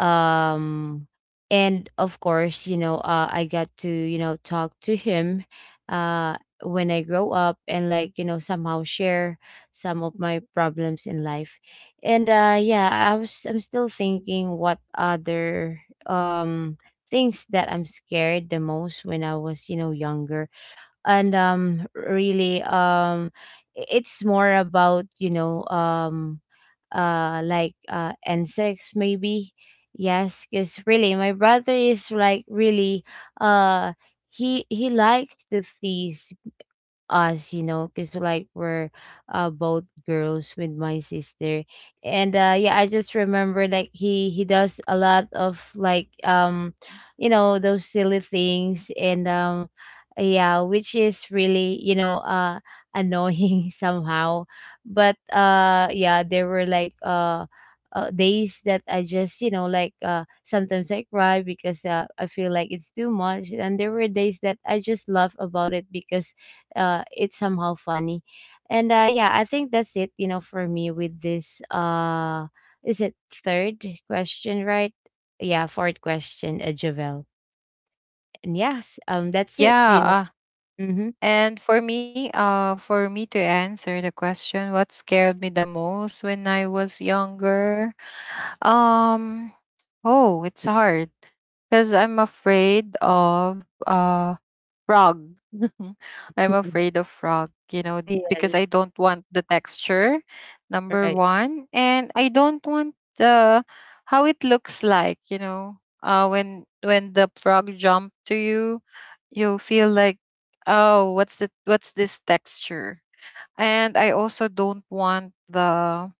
[SPEAKER 2] um and of course, you know, uh I got to, you know, talk to him, uh when I grow up, and like, you know, somehow share some of my problems in life. And uh yeah, I was, I'm still thinking, what other um things that I'm scared the most when I was, you know, younger. And um really, um i- it's more about, you know, um uh like, uh insects maybe. Yes, because really, my brother is like really uh he he likes the thieves us, you know, because like, we're uh both girls with my sister. And uh yeah, I just remember, like, he he does a lot of, like, um you know, those silly things. And um yeah, which is really, you know, uh annoying, [laughs] somehow. But uh yeah, there were like, uh uh, days that I just, you know, like, uh sometimes I cry, because uh, I feel like it's too much, and there were days that I just laugh about it, because uh, it's somehow funny. And uh, yeah, I think that's it, you know, for me with this. Uh, is it third question, right? Yeah, fourth question, uh, Jovel. And yes, um, that's it, you know.
[SPEAKER 1] Yeah, uh,
[SPEAKER 2] Mm-hmm.
[SPEAKER 1] and for me, uh, for me to answer the question, what scared me the most when I was younger? Um, oh, it's hard because I'm afraid of uh frog. [laughs] I'm afraid
[SPEAKER 2] [laughs]
[SPEAKER 1] of frog, you know, because
[SPEAKER 2] Yes,
[SPEAKER 1] I don't want the texture, number
[SPEAKER 2] right.
[SPEAKER 1] one. And I don't want the, how it looks like, you know. Uh when when the frog jump to you, you'll feel like, oh, what's the, what's this texture? And I also don't want the,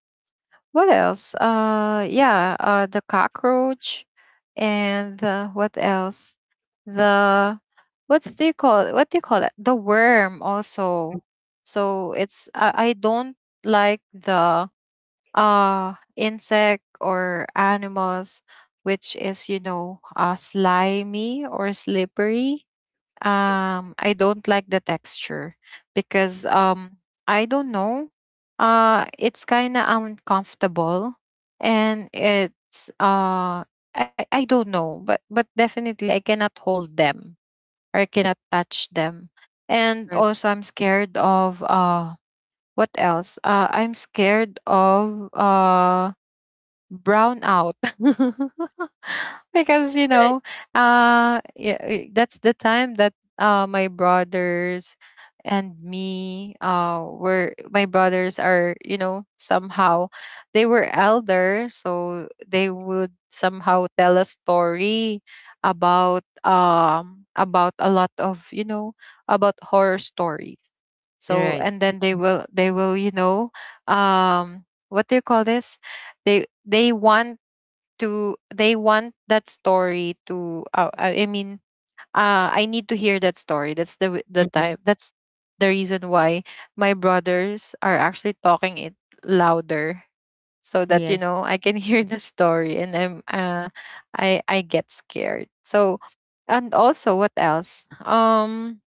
[SPEAKER 1] what else? Uh, yeah, uh, the cockroach, and uh, what else? The, what's, do you call it? What do you call that? The worm
[SPEAKER 2] Mm-hmm.
[SPEAKER 1] also. So it's, I I don't like the uh insect or animals which is, you know, uh slimy or slippery.
[SPEAKER 2] Right,
[SPEAKER 1] um I don't like the texture, because, um I don't know, uh it's kind of uncomfortable, and it's uh I I don't know, but but definitely I cannot hold them or I cannot touch them. And
[SPEAKER 2] right,
[SPEAKER 1] also I'm scared of, uh what else uh I'm scared of uh brown out. [laughs] Because you
[SPEAKER 2] right,
[SPEAKER 1] know, uh yeah, eh, that's the time that, uh my brothers and me uh were my brothers are, you know, somehow, they were elder, so they would somehow tell a story about, um about a lot of, you know, about horror stories. So
[SPEAKER 2] right.
[SPEAKER 1] and then they
[SPEAKER 2] Mm-hmm.
[SPEAKER 1] will they will you know, um what do you call this they they want to, they want that story to, uh, i I mean uh I need to hear that story. That's the, w- the
[SPEAKER 2] Mm-hmm.
[SPEAKER 1] time, that's the reason why my brothers are actually talking it louder, so that, you
[SPEAKER 2] Yes.
[SPEAKER 1] know, I can [laughs] hear the story, and I'm uh I I get scared. So, and also, what else? um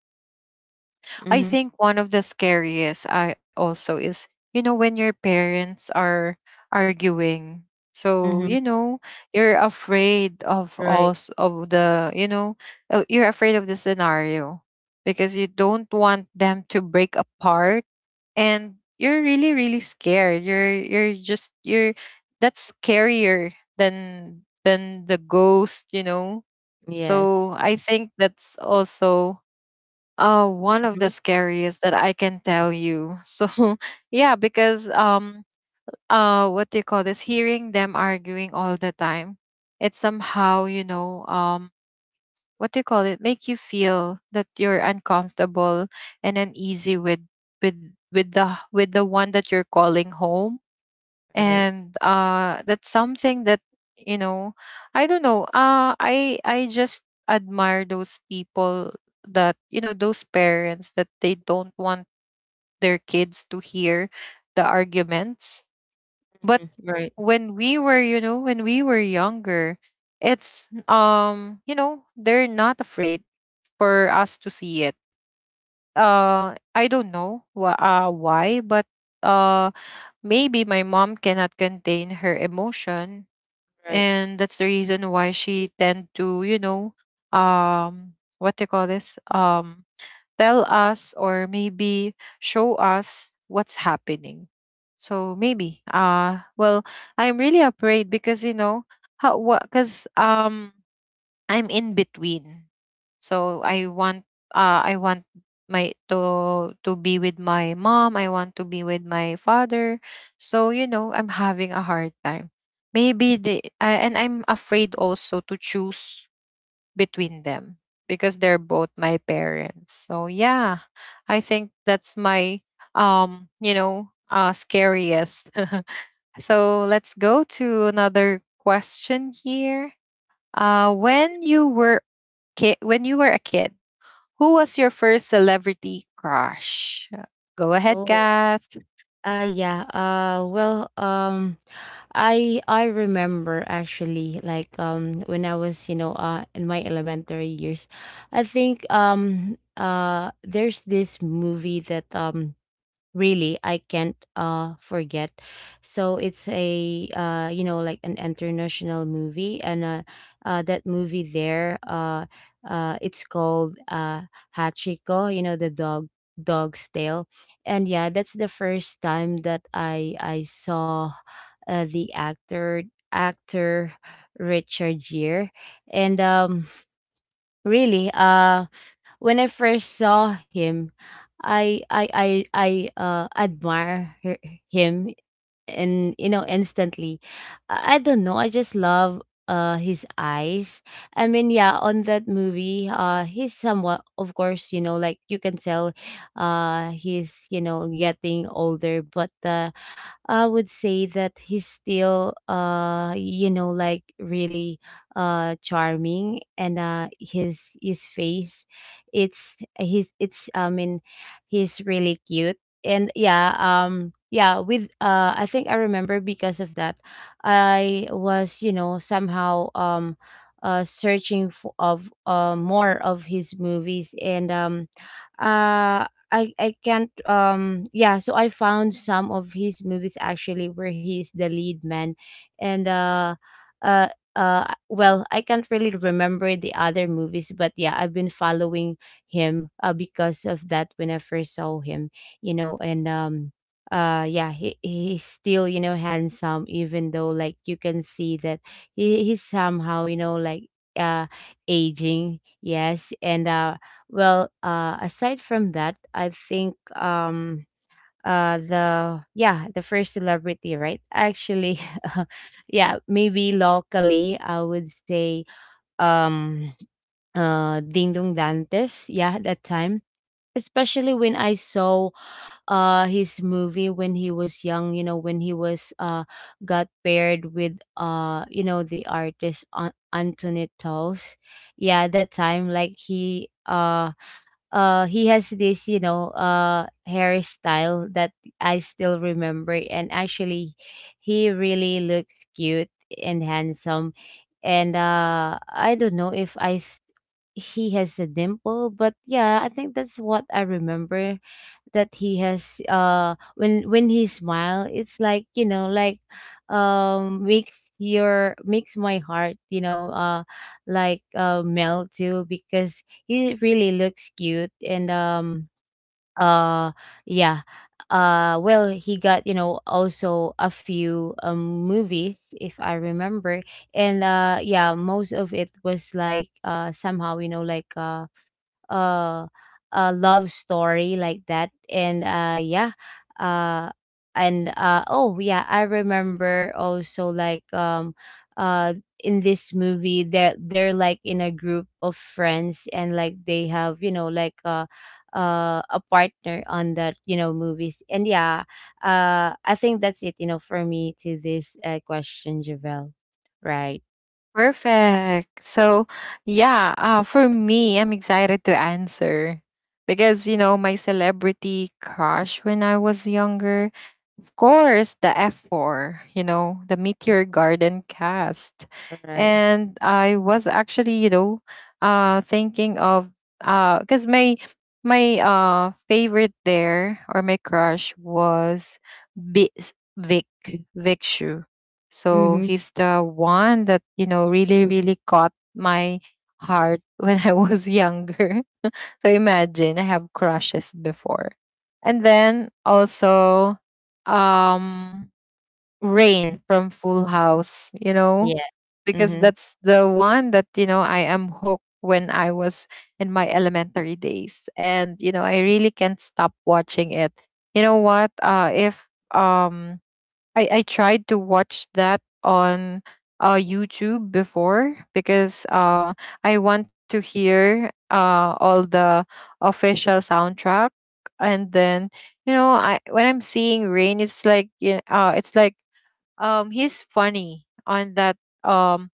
[SPEAKER 1] I
[SPEAKER 2] Mm-hmm.
[SPEAKER 1] think one of the scariest I also is, you know, when your parents are arguing. So,
[SPEAKER 2] Mm-hmm.
[SPEAKER 1] you know, you're afraid of
[SPEAKER 2] Right.
[SPEAKER 1] also of the, you know, uh, you're afraid of the scenario, because you don't want them to break apart, and you're really really scared. You're you're just you're that's scarier than than the ghost, you know.
[SPEAKER 2] Yes.
[SPEAKER 1] So, I think that's also uh, one of the
[SPEAKER 2] Mm-hmm.
[SPEAKER 1] scariest that I can tell you. So [laughs] yeah, because, um uh what do you call this? Hearing them arguing all the time, it somehow, you know, um what do you call it? Make you feel that you're uncomfortable and uneasy with with with the with the one that you're calling home,
[SPEAKER 2] Right.
[SPEAKER 1] and uh that's something that, you know i don't know uh i i just admire those people, that you know those parents that they don't want their kids to hear the arguments. But
[SPEAKER 2] Mm-hmm. Right.
[SPEAKER 1] when we were you know when we were younger, it's um you know they're not afraid for us to see it. uh I don't know wh- uh, why, but uh maybe my mom cannot contain her emotion,
[SPEAKER 2] Right.
[SPEAKER 1] and that's the reason why she tend to, you know um what they call this, um tell us or maybe show us what's happening. So maybe, uh well I'm really afraid because, you know how what because um I'm in between. So I want, uh I want my to to be with my mom, I want to be with my father. So, you know, I'm having a hard time. Maybe the I and I'm afraid also to choose between them because they're both my parents. So, yeah. I think that's my um, you know, uh scariest. [laughs] So, let's go to another question here. Uh, when you were ki- when you were a kid, who was your first celebrity crush? Uh, Go ahead,
[SPEAKER 2] Oh.
[SPEAKER 1] Kath.
[SPEAKER 2] Uh yeah. Uh well, um I I remember actually, like, um when I was, you know, uh in my elementary years, I think, um uh there's this movie that, um really, I can't uh forget. So it's a, uh you know, like an international movie. And uh, uh that movie there, uh uh it's called, uh Hachiko, you know, the dog, dog's tail. And yeah, that's the first time that i i saw, uh, the actor, actor, Richard Gere. And um really, uh, when I first saw him, I I I I uh admire her, him, and you know, instantly, i I don't know, I just love uh his eyes. I mean, yeah, on that movie, uh he's somewhat, of course, you know, like, you can tell uh he's, you know, getting older, but uh I would say that he's still, uh you know, like, really uh charming, and uh his his face, it's his, it's, I mean, he's really cute. And yeah, um yeah, with uh I think I remember, because of that, I was, you know, somehow, um uh searching for, of uh more of his movies. And um uh I I can't, um yeah, so I found some of his movies, actually, where he's the lead man. And uh uh uh well, I can't really remember the other movies, but yeah, I've been following him, uh, because of that, when I first saw him, you know. And um uh yeah, he he's still, you know, handsome, even though, like, you can see that he he's somehow, you know, like, uh aging, yes. And uh well, uh, aside from that, I think, um uh the, yeah, the first celebrity, right, actually, [laughs] yeah, maybe locally, I would say, um uh Ding Dong Dantes. Yeah, that time, especially when I saw uh his movie, when he was young, you know, when he was, uh got paired with, uh you know, the artist An- Antoinette Toes. Yeah, that time, like, he uh uh he has this you know uh hairstyle that I still remember. And actually he really looks cute and handsome. And uh I don't know if i s- he has a dimple, but yeah, I think that's what I remember, that he has uh when when he smile, it's like, you know, like um makes your makes my heart, you know, uh like uh melt too, because he really looks cute. And um uh yeah. Uh well he got, you know, also a few um movies, if I remember. And uh yeah, most of it was like, uh somehow, you know, like uh uh a love story, like that. And uh yeah uh and uh oh yeah, I remember also, like, um uh in this movie, they're they're like in a group of friends, and like they have, you know, like uh uh, a partner on that, you know, movies. And yeah, uh I think that's it, you know, for me, to this uh, question, Javel. Right.
[SPEAKER 1] Perfect. So, yeah, uh, for me, I'm excited to answer because, you know, my celebrity crush when I was younger, of course, the F four, you know, the Meteor Garden cast.
[SPEAKER 2] Right.
[SPEAKER 1] And I was actually, you know, uh thinking of, uh because my my uh favorite there, or my crush, was B- Vic Vic Shu. So
[SPEAKER 2] Mm-hmm.
[SPEAKER 1] he's the one that, you know, really, really caught my heart [laughs] when I was younger. So imagine, I have crushes before. And then also, um Rain from Full House, you know,
[SPEAKER 2] Yeah.
[SPEAKER 1] because
[SPEAKER 2] Mm-hmm.
[SPEAKER 1] that's the one that, you know, I am hooked when I was in my elementary days. And, you know, I really can't stop watching it. You know what? Uh if um I, I tried to watch that on, uh, YouTube before because, uh, I want to hear, uh, all the official soundtrack. And then, you know, I when I'm seeing Rain, it's like you, uh, it's like, um, he's funny on that, um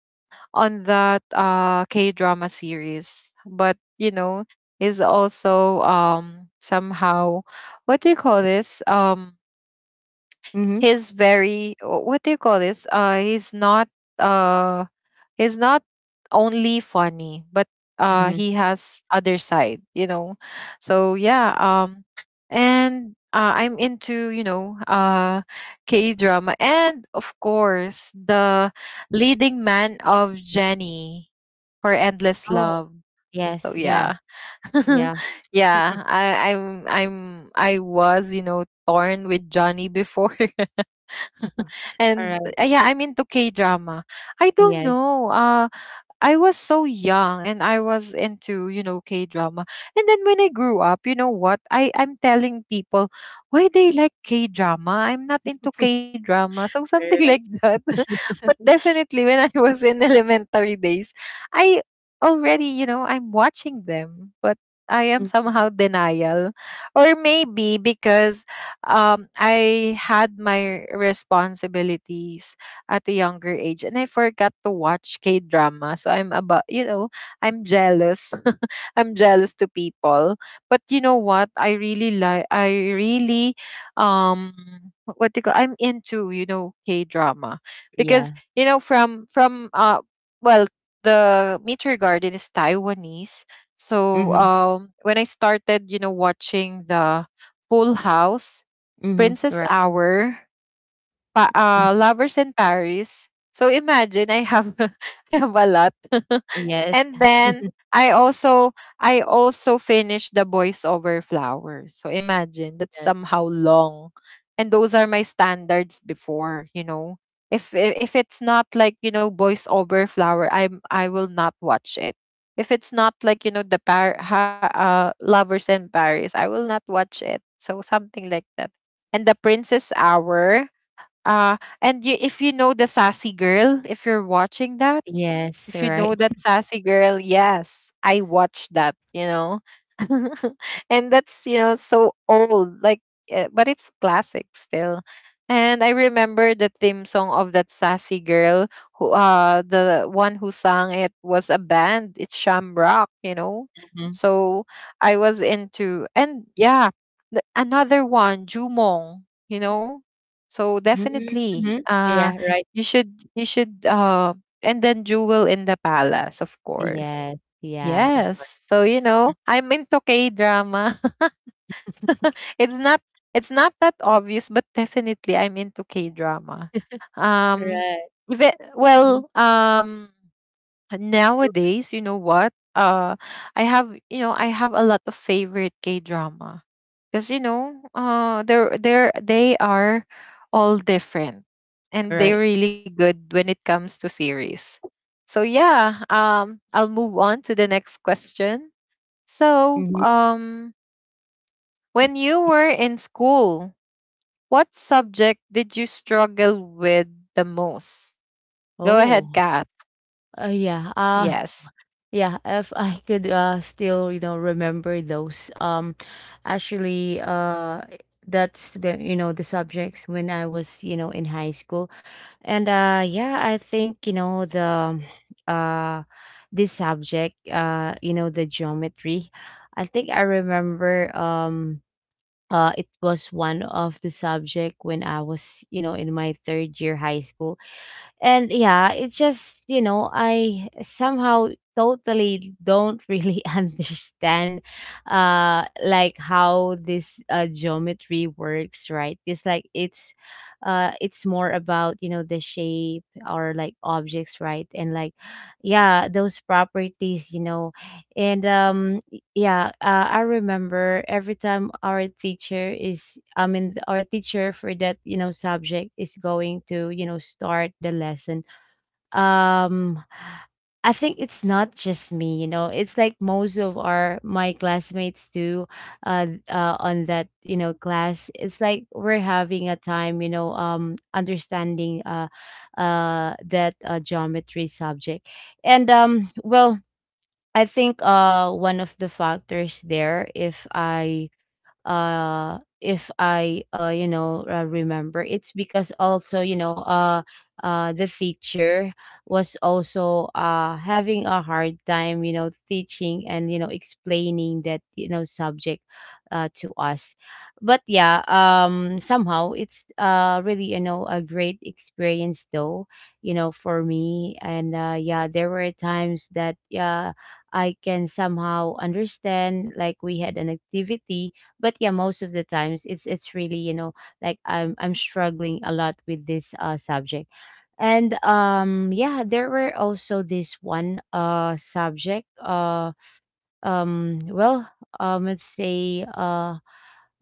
[SPEAKER 1] on that uh K drama series, but, you know, is also um somehow, what do you call this, um
[SPEAKER 2] Mm-hmm.
[SPEAKER 1] he's very wh- what do you call this, uh he's not uh he's not only funny, but uh
[SPEAKER 2] Mm-hmm.
[SPEAKER 1] he has other side, you know. So yeah, um and uh, I'm into, you know, uh K drama, and of course, the leading man of Jenny for Endless Love. So
[SPEAKER 2] Yes, yeah,
[SPEAKER 1] yeah.
[SPEAKER 2] yeah,
[SPEAKER 1] [laughs] Yeah, I I'm I'm I was, you know, torn with Johnny before. [laughs] And
[SPEAKER 2] alright,
[SPEAKER 1] uh, yeah, I'm into K drama. I don't
[SPEAKER 2] yes,
[SPEAKER 1] know. Uh, I was so young, and I was into, you know, K drama. And then when I grew up, you know what? I, I'm telling people why they like K drama. I'm not into K drama. So [laughs] something
[SPEAKER 2] right,
[SPEAKER 1] like that. [laughs] But definitely when I [laughs] was in elementary days, I already, you know, I'm watching them, but I am
[SPEAKER 2] mm,
[SPEAKER 1] somehow denial. Or maybe because um I had my responsibilities at a younger age, and I forgot to watch K drama. So I'm about, you know, I'm jealous. [laughs] I'm jealous to people. But you know what? I really like, I really um what do you call, I'm into, you know, K drama. Because,
[SPEAKER 2] yeah,
[SPEAKER 1] you know, from from uh well the Meteor Garden is Taiwanese. So
[SPEAKER 2] mhm,
[SPEAKER 1] um when I started, you know, watching the Full House,
[SPEAKER 2] mhm,
[SPEAKER 1] Princess
[SPEAKER 2] right,
[SPEAKER 1] Hour, pa, uh,
[SPEAKER 2] mhm,
[SPEAKER 1] Lovers in Paris. So imagine, I have [laughs] I have a lot. [laughs]
[SPEAKER 2] yes,
[SPEAKER 1] And then I also, I also finished the Boys Over Flowers. So imagine, that's
[SPEAKER 2] yes,
[SPEAKER 1] somehow long. And those are my standards before, you know. If if if it's not like, you know, Boys Over Flower, I'm I will not watch it. If it's not like, you know, the par- ha- uh, Lovers in Paris, I will not watch it. So something like that. And the Princess Hour, uh, and you, if you know the sassy girl, if you're watching that,
[SPEAKER 2] yes,
[SPEAKER 1] if you know
[SPEAKER 2] right,
[SPEAKER 1] that sassy girl, yes, I watched that, you know. [laughs] And that's, you know, so old, like, uh, but it's classic still. And I remember the theme song of that sassy girl, who, uh the one who sang it, was a band, it's Shamrock, you know.
[SPEAKER 2] mhm,
[SPEAKER 1] So I was into, and yeah, the, another one, Jumong, you know. So
[SPEAKER 2] mhm,
[SPEAKER 1] definitely,
[SPEAKER 2] mhm, yeah,
[SPEAKER 1] uh
[SPEAKER 2] right,
[SPEAKER 1] you should, you should um and then Jewel in the Palace, of course.
[SPEAKER 2] yes, yeah, of
[SPEAKER 1] Yes.
[SPEAKER 2] course,
[SPEAKER 1] So, you know, I'm into K drama. [laughs] It's not, it's not that obvious, but definitely I'm into K drama. Um
[SPEAKER 2] right,
[SPEAKER 1] Even,
[SPEAKER 2] mhm,
[SPEAKER 1] well, um nowadays, you know what? Uh, I have, you know, I have a lot of favorite K drama, because, you know, uh they're they're they are all different, and
[SPEAKER 2] right,
[SPEAKER 1] they're really good when it comes to series. So yeah, um, I'll move on to the next question. So
[SPEAKER 2] mhm,
[SPEAKER 1] um,
[SPEAKER 2] mm,
[SPEAKER 1] when you
[SPEAKER 2] yeah.
[SPEAKER 1] were in school, what subject did you struggle with the most? Go ahead,
[SPEAKER 2] Oh,
[SPEAKER 1] Kat.
[SPEAKER 2] uh, yeah, uh
[SPEAKER 1] Yes.
[SPEAKER 2] yeah, if I could uh still, you know, remember those. Um actually uh that's the you know the subjects when I was, you know, in high school. And uh yeah, I think, you know, the uh this subject, uh, you know, the geometry. I think I remember um uh it was one of the subject when I was, you know, in my third year high school. And yeah, it's just, you know, I somehow totally don't really [laughs] understand uh like how this uh geometry works, right? It's like it's uh it's more about, you know, the shape, or like objects, right? And like yeah, those properties, you know. And um yeah, uh, I remember every time our teacher is, I mean, th- our teacher for that, you know, subject is going to, you know, start the lesson. Um, I think it's not just me, you know, it's like most of our my classmates too, uh, uh, on that, you know, class. It's like we're having a time, you know, um, understanding, uh, uh, that uh, geometry subject. And um, well, I think uh one of the factors there, if I uh if I uh you know, uh, remember, it's because also, you know, uh uh the teacher was also uh having a hard time, you know, teaching and, you know, explaining that, you know, subject uh to us. But yeah, um somehow it's uh really, you know, a great experience though, you know, for me. And uh yeah, there were times that, yeah, I can somehow understand, like we had an activity, but yeah, most of the times it's it's really, you know, like i'm i'm struggling a lot with this uh subject. And um yeah, there were also this one uh subject. uh um well um let's say uh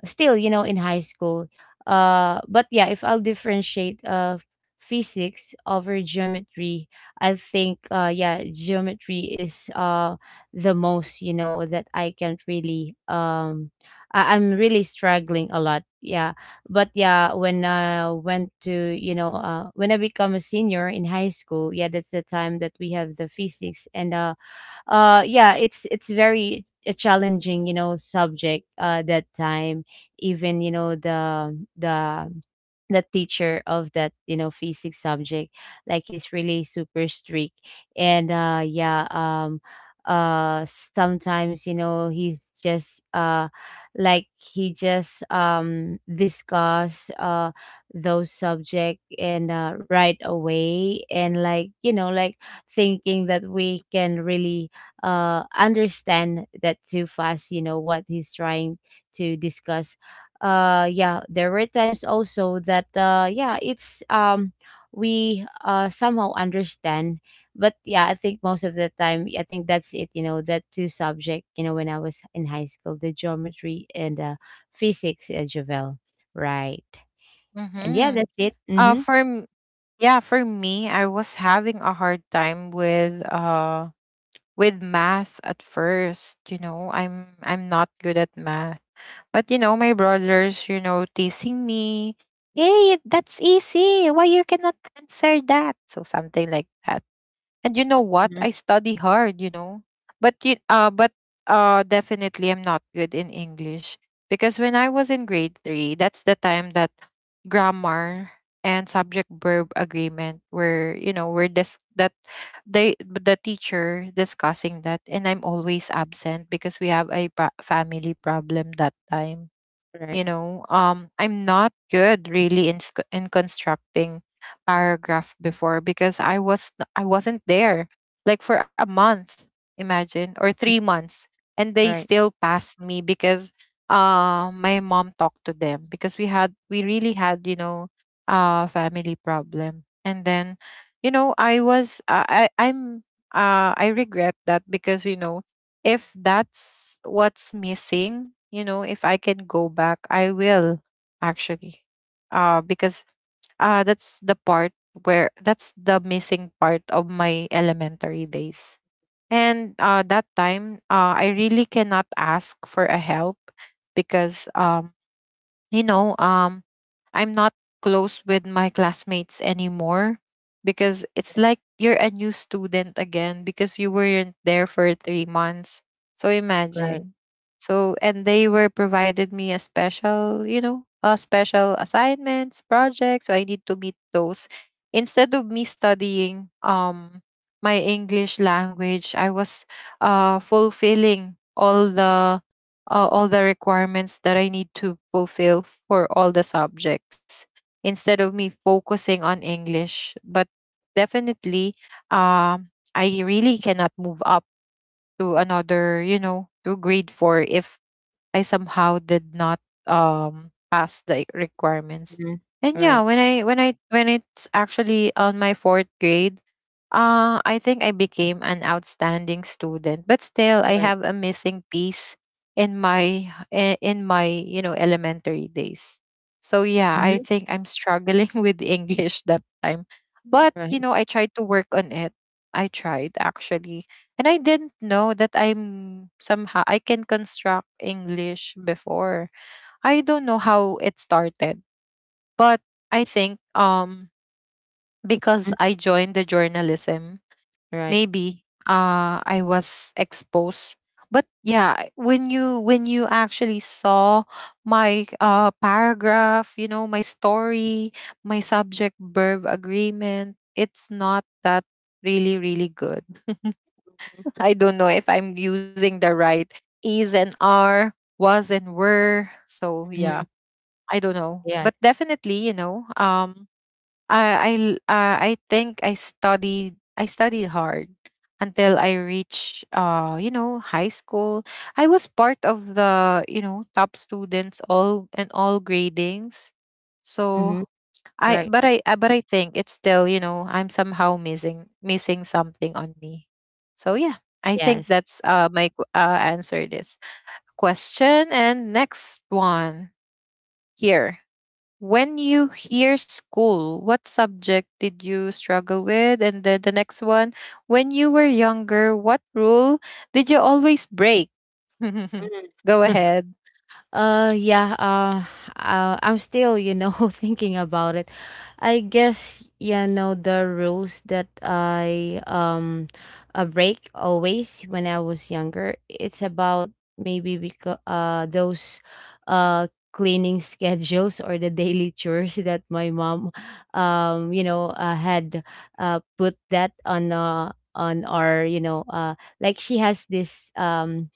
[SPEAKER 2] still, you know, in high school. uh but yeah, if I'll differentiate, uh physics over geometry, I think, uh yeah, geometry is uh the most, you know, that I can't really um I- I'm really struggling a lot, yeah. But yeah, when I went to, you know, uh when I become a senior in high school, yeah, that's the time that we have the physics. And uh uh yeah, it's it's very a challenging, you know, subject, uh that time. Even, you know, the the the teacher of that, you know, physics subject, like he's really super strict. And uh yeah, um uh sometimes, you know, he's just, uh like he just, um discuss uh those subject, and uh right away, and like, you know, like thinking that we can really uh understand that too fast, you know, what he's trying to discuss. uh yeah, there were times also that, uh yeah, it's, um we uh somehow understand. But yeah, I think most of the time, I think that's it, you know, that two subject, you know, when I was in high school, the geometry and uh physics, uh, Jovel. Right. And yeah,
[SPEAKER 1] Mm-hmm.
[SPEAKER 2] that's it.
[SPEAKER 1] Uh,
[SPEAKER 2] Mm-hmm.
[SPEAKER 1] for Yeah, for me, I was having a hard time with, uh with math at first, you know. I'm I'm not good at math. But you know, my brothers, you know, teasing me, "Hey, that's easy. Why you cannot answer that?" So something like that. And you know what?
[SPEAKER 2] Mm-hmm.
[SPEAKER 1] I study hard, you know. But you, uh but uh definitely, I'm not good in English, because when I was in grade three, that's the time that grammar and subject verb agreement were, you know, were dis- that they the teacher discussing that, and I'm always absent because we have a pro- family problem that time, you
[SPEAKER 2] Right.
[SPEAKER 1] know. um I'm not good really in sc- in constructing paragraph before because i was n- I wasn't there like for a month, imagine, or three months, and they
[SPEAKER 2] Right.
[SPEAKER 1] still passed me because uh my mom talked to them, because we had we really had, you know, uh family problem. And then, you know, I was uh, I I'm uh I regret that, because you know, if that's what's missing, you know, if I can go back, I will, actually. Uh because uh that's the part where, that's the missing part of my elementary days. And uh that time, uh I really cannot ask for a help, because um you know um I'm not close with my classmates anymore, because it's like you're a new student again, because you weren't there for three months. So
[SPEAKER 2] Right.
[SPEAKER 1] imagine. So and they were provided me a special, you know, uh, special assignments, projects. So I need to meet those. Instead of me studying um my English language, I was uh fulfilling all the, uh, all the requirements that I need to fulfill for all the subjects, instead of me focusing on English. But definitely, um, I really cannot move up to another, you know, to grade four, if I somehow did not um pass the requirements.
[SPEAKER 2] Mm-hmm.
[SPEAKER 1] And yeah,
[SPEAKER 2] Right.
[SPEAKER 1] when I when I when it's actually on my fourth grade, uh I think I became an outstanding student. But still, I
[SPEAKER 2] Right.
[SPEAKER 1] have a missing piece in my, i- in my, you know, elementary days. So yeah, I
[SPEAKER 2] Mm-hmm.
[SPEAKER 1] think I'm struggling [laughs] with English that time. But you
[SPEAKER 2] Right.
[SPEAKER 1] know, I tried to work on it. I tried, actually, and I didn't know that I'm somehow I can construct English before. I don't know how it started, but I think um because I
[SPEAKER 2] Mm-hmm.
[SPEAKER 1] joined the journalism,
[SPEAKER 2] Right.
[SPEAKER 1] maybe uh I was exposed. But yeah, when you when you actually saw my uh paragraph, you know, my story, my subject verb agreement, it's not that really really good. I don't know if I'm using the right is and are, was and were. So yeah,
[SPEAKER 2] Mm-hmm.
[SPEAKER 1] I don't know.
[SPEAKER 2] Yeah.
[SPEAKER 1] But definitely, you know, um, I I l- uh, I think I studied, I studied hard until I reached, uh you know, high school. I was part of the, you know, top students all and all gradings. So
[SPEAKER 2] Mm-hmm.
[SPEAKER 1] I
[SPEAKER 2] Right.
[SPEAKER 1] but I uh, but I think it's still, you know, I'm somehow missing missing something on me. So yeah, I think
[SPEAKER 2] Yes.
[SPEAKER 1] that's uh my qu- uh answer this question. And next one here. When you hear school, what subject did you struggle with? And then the next one, when you were younger, what rule did you always break? [laughs]
[SPEAKER 2] Mhm.
[SPEAKER 1] Go
[SPEAKER 2] [laughs]
[SPEAKER 1] ahead.
[SPEAKER 2] Uh, yeah, uh, uh, I'm still, you know, [laughs] thinking about it. I guess, you know, the rules that I um uh, break always when I was younger, it's about maybe because uh those uh cleaning [laughs] schedules or the daily chores that my mom, um you know, uh, had uh put that on uh on our, you know, uh like she has this um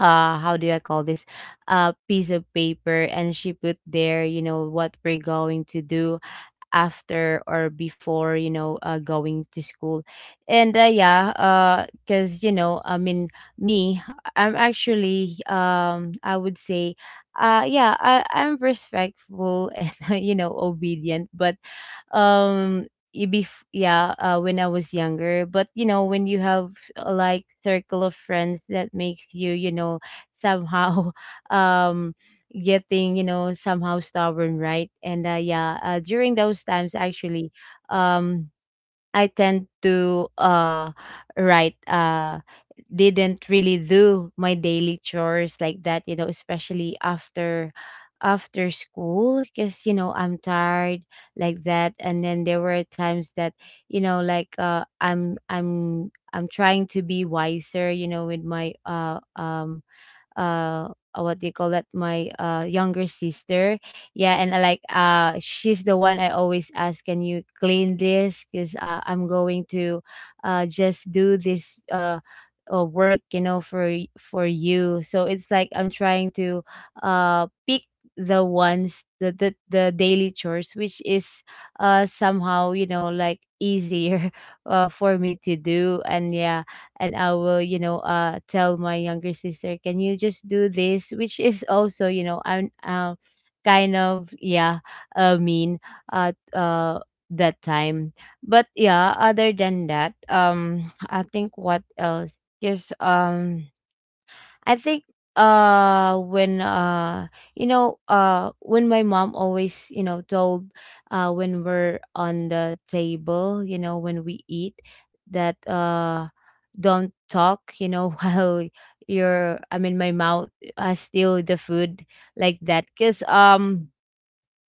[SPEAKER 2] uh how do I call this, uh piece of paper, and she put there, you know, what we're going to do after or before, you know, uh, going to school. And uh, yeah, uh cuz, you know, I mean, me, I'm actually, um I would say, uh yeah, I I'm respectful [laughs] and, you know, obedient, but um y- bef- yeah, uh, when I was younger, but, you know, when you have, uh, like circle of friends that makes you, you know, somehow [laughs] um getting, you know, somehow stubborn, right. And uh, yeah, uh, during those times actually, um I tend to uh write uh didn't really do my daily chores, like that, you know, especially after after school, because, you know, I'm tired, like that. And then there were times that, you know, like uh I'm I'm I'm trying to be wiser, you know, with my uh um uh uh, what do you call that, my uh younger sister. Yeah. And I like, uh she's the one I always ask, can you clean this, because, uh, I'm going to uh just do this uh uh, work, you know, for y- for you. So it's like I'm trying to uh pick the ones, the, the the daily chores, which is uh somehow, you know, like easier [laughs] uh, for me to do. And yeah, and I will, you know, uh, tell my younger sister, "Can you just do this?" Which is also, you know, I'm, um, kind of yeah, uh, mean at uh that time. But yeah, other than that, um, I think what else? Just um I think uh when uh you know, uh when my mom always, you know, told, uh when we're on the table, you know, when we eat, that, uh don't talk, you know, [laughs] while you're, I mean, my mouth, uh, still the food, like that. Because um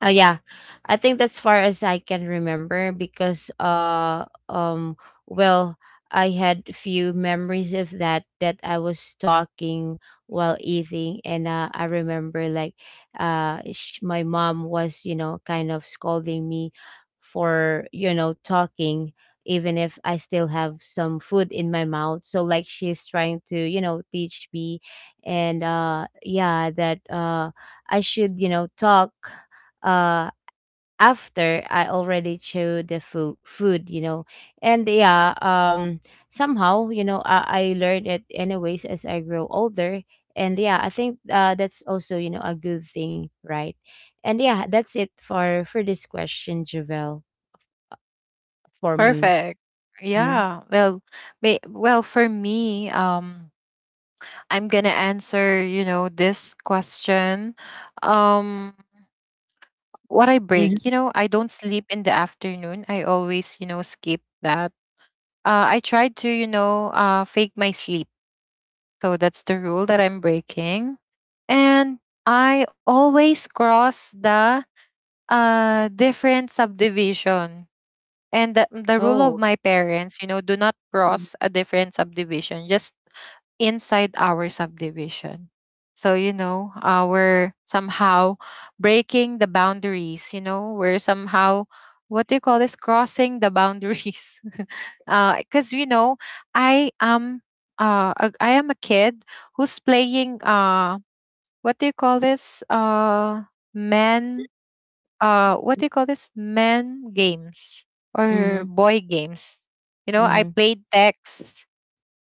[SPEAKER 2] oh yeah, I think that's far as I can remember, because uh um well, I had few memories of that, that I was talking while eating. And uh, I remember like uh sh- my mom was, you know, kind of scolding me for, you know, talking even if I still have some food in my mouth. So like she's trying to, you know, teach me. And uh yeah, that uh I should, you know, talk uh after I already chew the food food, you know. And yeah, um somehow, you know, I, I learned it anyways as I grow older. And yeah, I think uh that's also, you know, a good thing, right? And yeah, that's it for for this question, Javel, for me.
[SPEAKER 1] Perfect.
[SPEAKER 2] Hmm.
[SPEAKER 1] Yeah. Well, may, well for me, um I'm gonna answer, you know, this question. Um, what I
[SPEAKER 2] Hmm.
[SPEAKER 1] break, you know, I don't sleep in the afternoon. I always, you know, skip that. Uh, I try to, you know, uh, fake my sleep. So that's the rule that I'm breaking. And I always cross the, uh different subdivision. And the, the rule
[SPEAKER 2] Oh.
[SPEAKER 1] of my parents, you know, do not
[SPEAKER 2] Mm-hmm.
[SPEAKER 1] cross a different subdivision, just inside our subdivision. So, you know, uh, we're somehow breaking the boundaries, you know, we're somehow, what do you call this, crossing the boundaries. [laughs] Because, you know, I am. Uh, a- I am a kid who's playing, uh what do you call this uh men, uh what do you call this, men games or boy games, you know, I
[SPEAKER 2] Mm-hmm.
[SPEAKER 1] played text,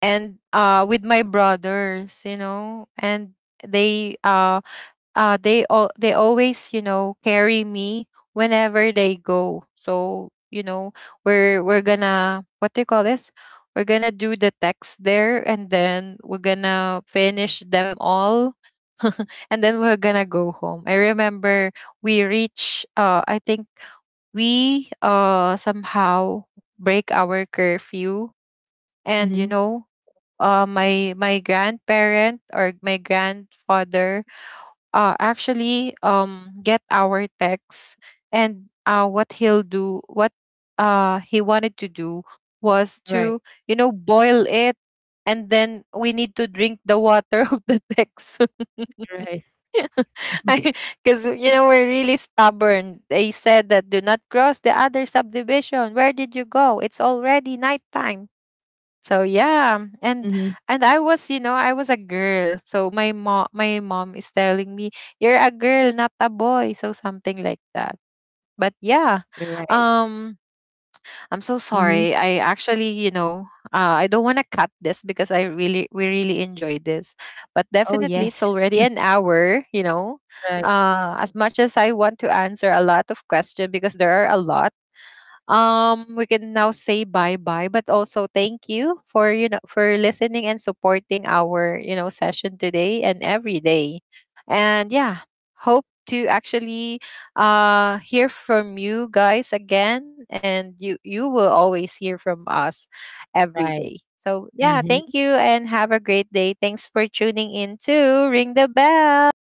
[SPEAKER 1] and uh with my brothers, you know. And they uh uh they all they always, you know, carry me whenever they go. So you know, we're we're gonna what do you call this we're gonna do the text there, and then we're gonna finish them all, and then we're gonna go home. I remember we reach, uh I think, we uh somehow break our curfew. And you
[SPEAKER 2] Mm-hmm.
[SPEAKER 1] know, uh my my grandparent, or my grandfather, uh actually um get our text. And uh what he'll do what uh he wanted to do was
[SPEAKER 2] Right.
[SPEAKER 1] to, you know, boil it, and then we need to drink the water [laughs] of the text. [laughs]
[SPEAKER 2] Right. [laughs]
[SPEAKER 1] [laughs] Because, you know, we're really stubborn. They said that, do not cross the other subdivision. Where did you go? It's already nighttime. So yeah,
[SPEAKER 2] Mm-hmm.
[SPEAKER 1] and and I was, you know, I was a girl. So my mom, my mom is telling me, "You're a girl, not a boy." So something like that. But yeah,
[SPEAKER 2] Right.
[SPEAKER 1] um, I'm so
[SPEAKER 2] Mm-hmm.
[SPEAKER 1] sorry. I actually, you know, uh, I don't want to cut this because I really, we really enjoyed this. But
[SPEAKER 2] Oh
[SPEAKER 1] definitely,
[SPEAKER 2] yes.
[SPEAKER 1] it's already an hour. You know,
[SPEAKER 2] Right.
[SPEAKER 1] uh, as much as I want to answer a lot of questions because there are a lot, um we can now say bye bye. But also, thank you for, you know, for listening and supporting our, you know, session today and every day. And yeah, hope to actually uh hear from you guys again, and you you will always hear from us every
[SPEAKER 2] Right.
[SPEAKER 1] day. So yeah,
[SPEAKER 2] Mm-hmm.
[SPEAKER 1] thank you, and have a great day. Thanks for tuning in to Ring the Bell.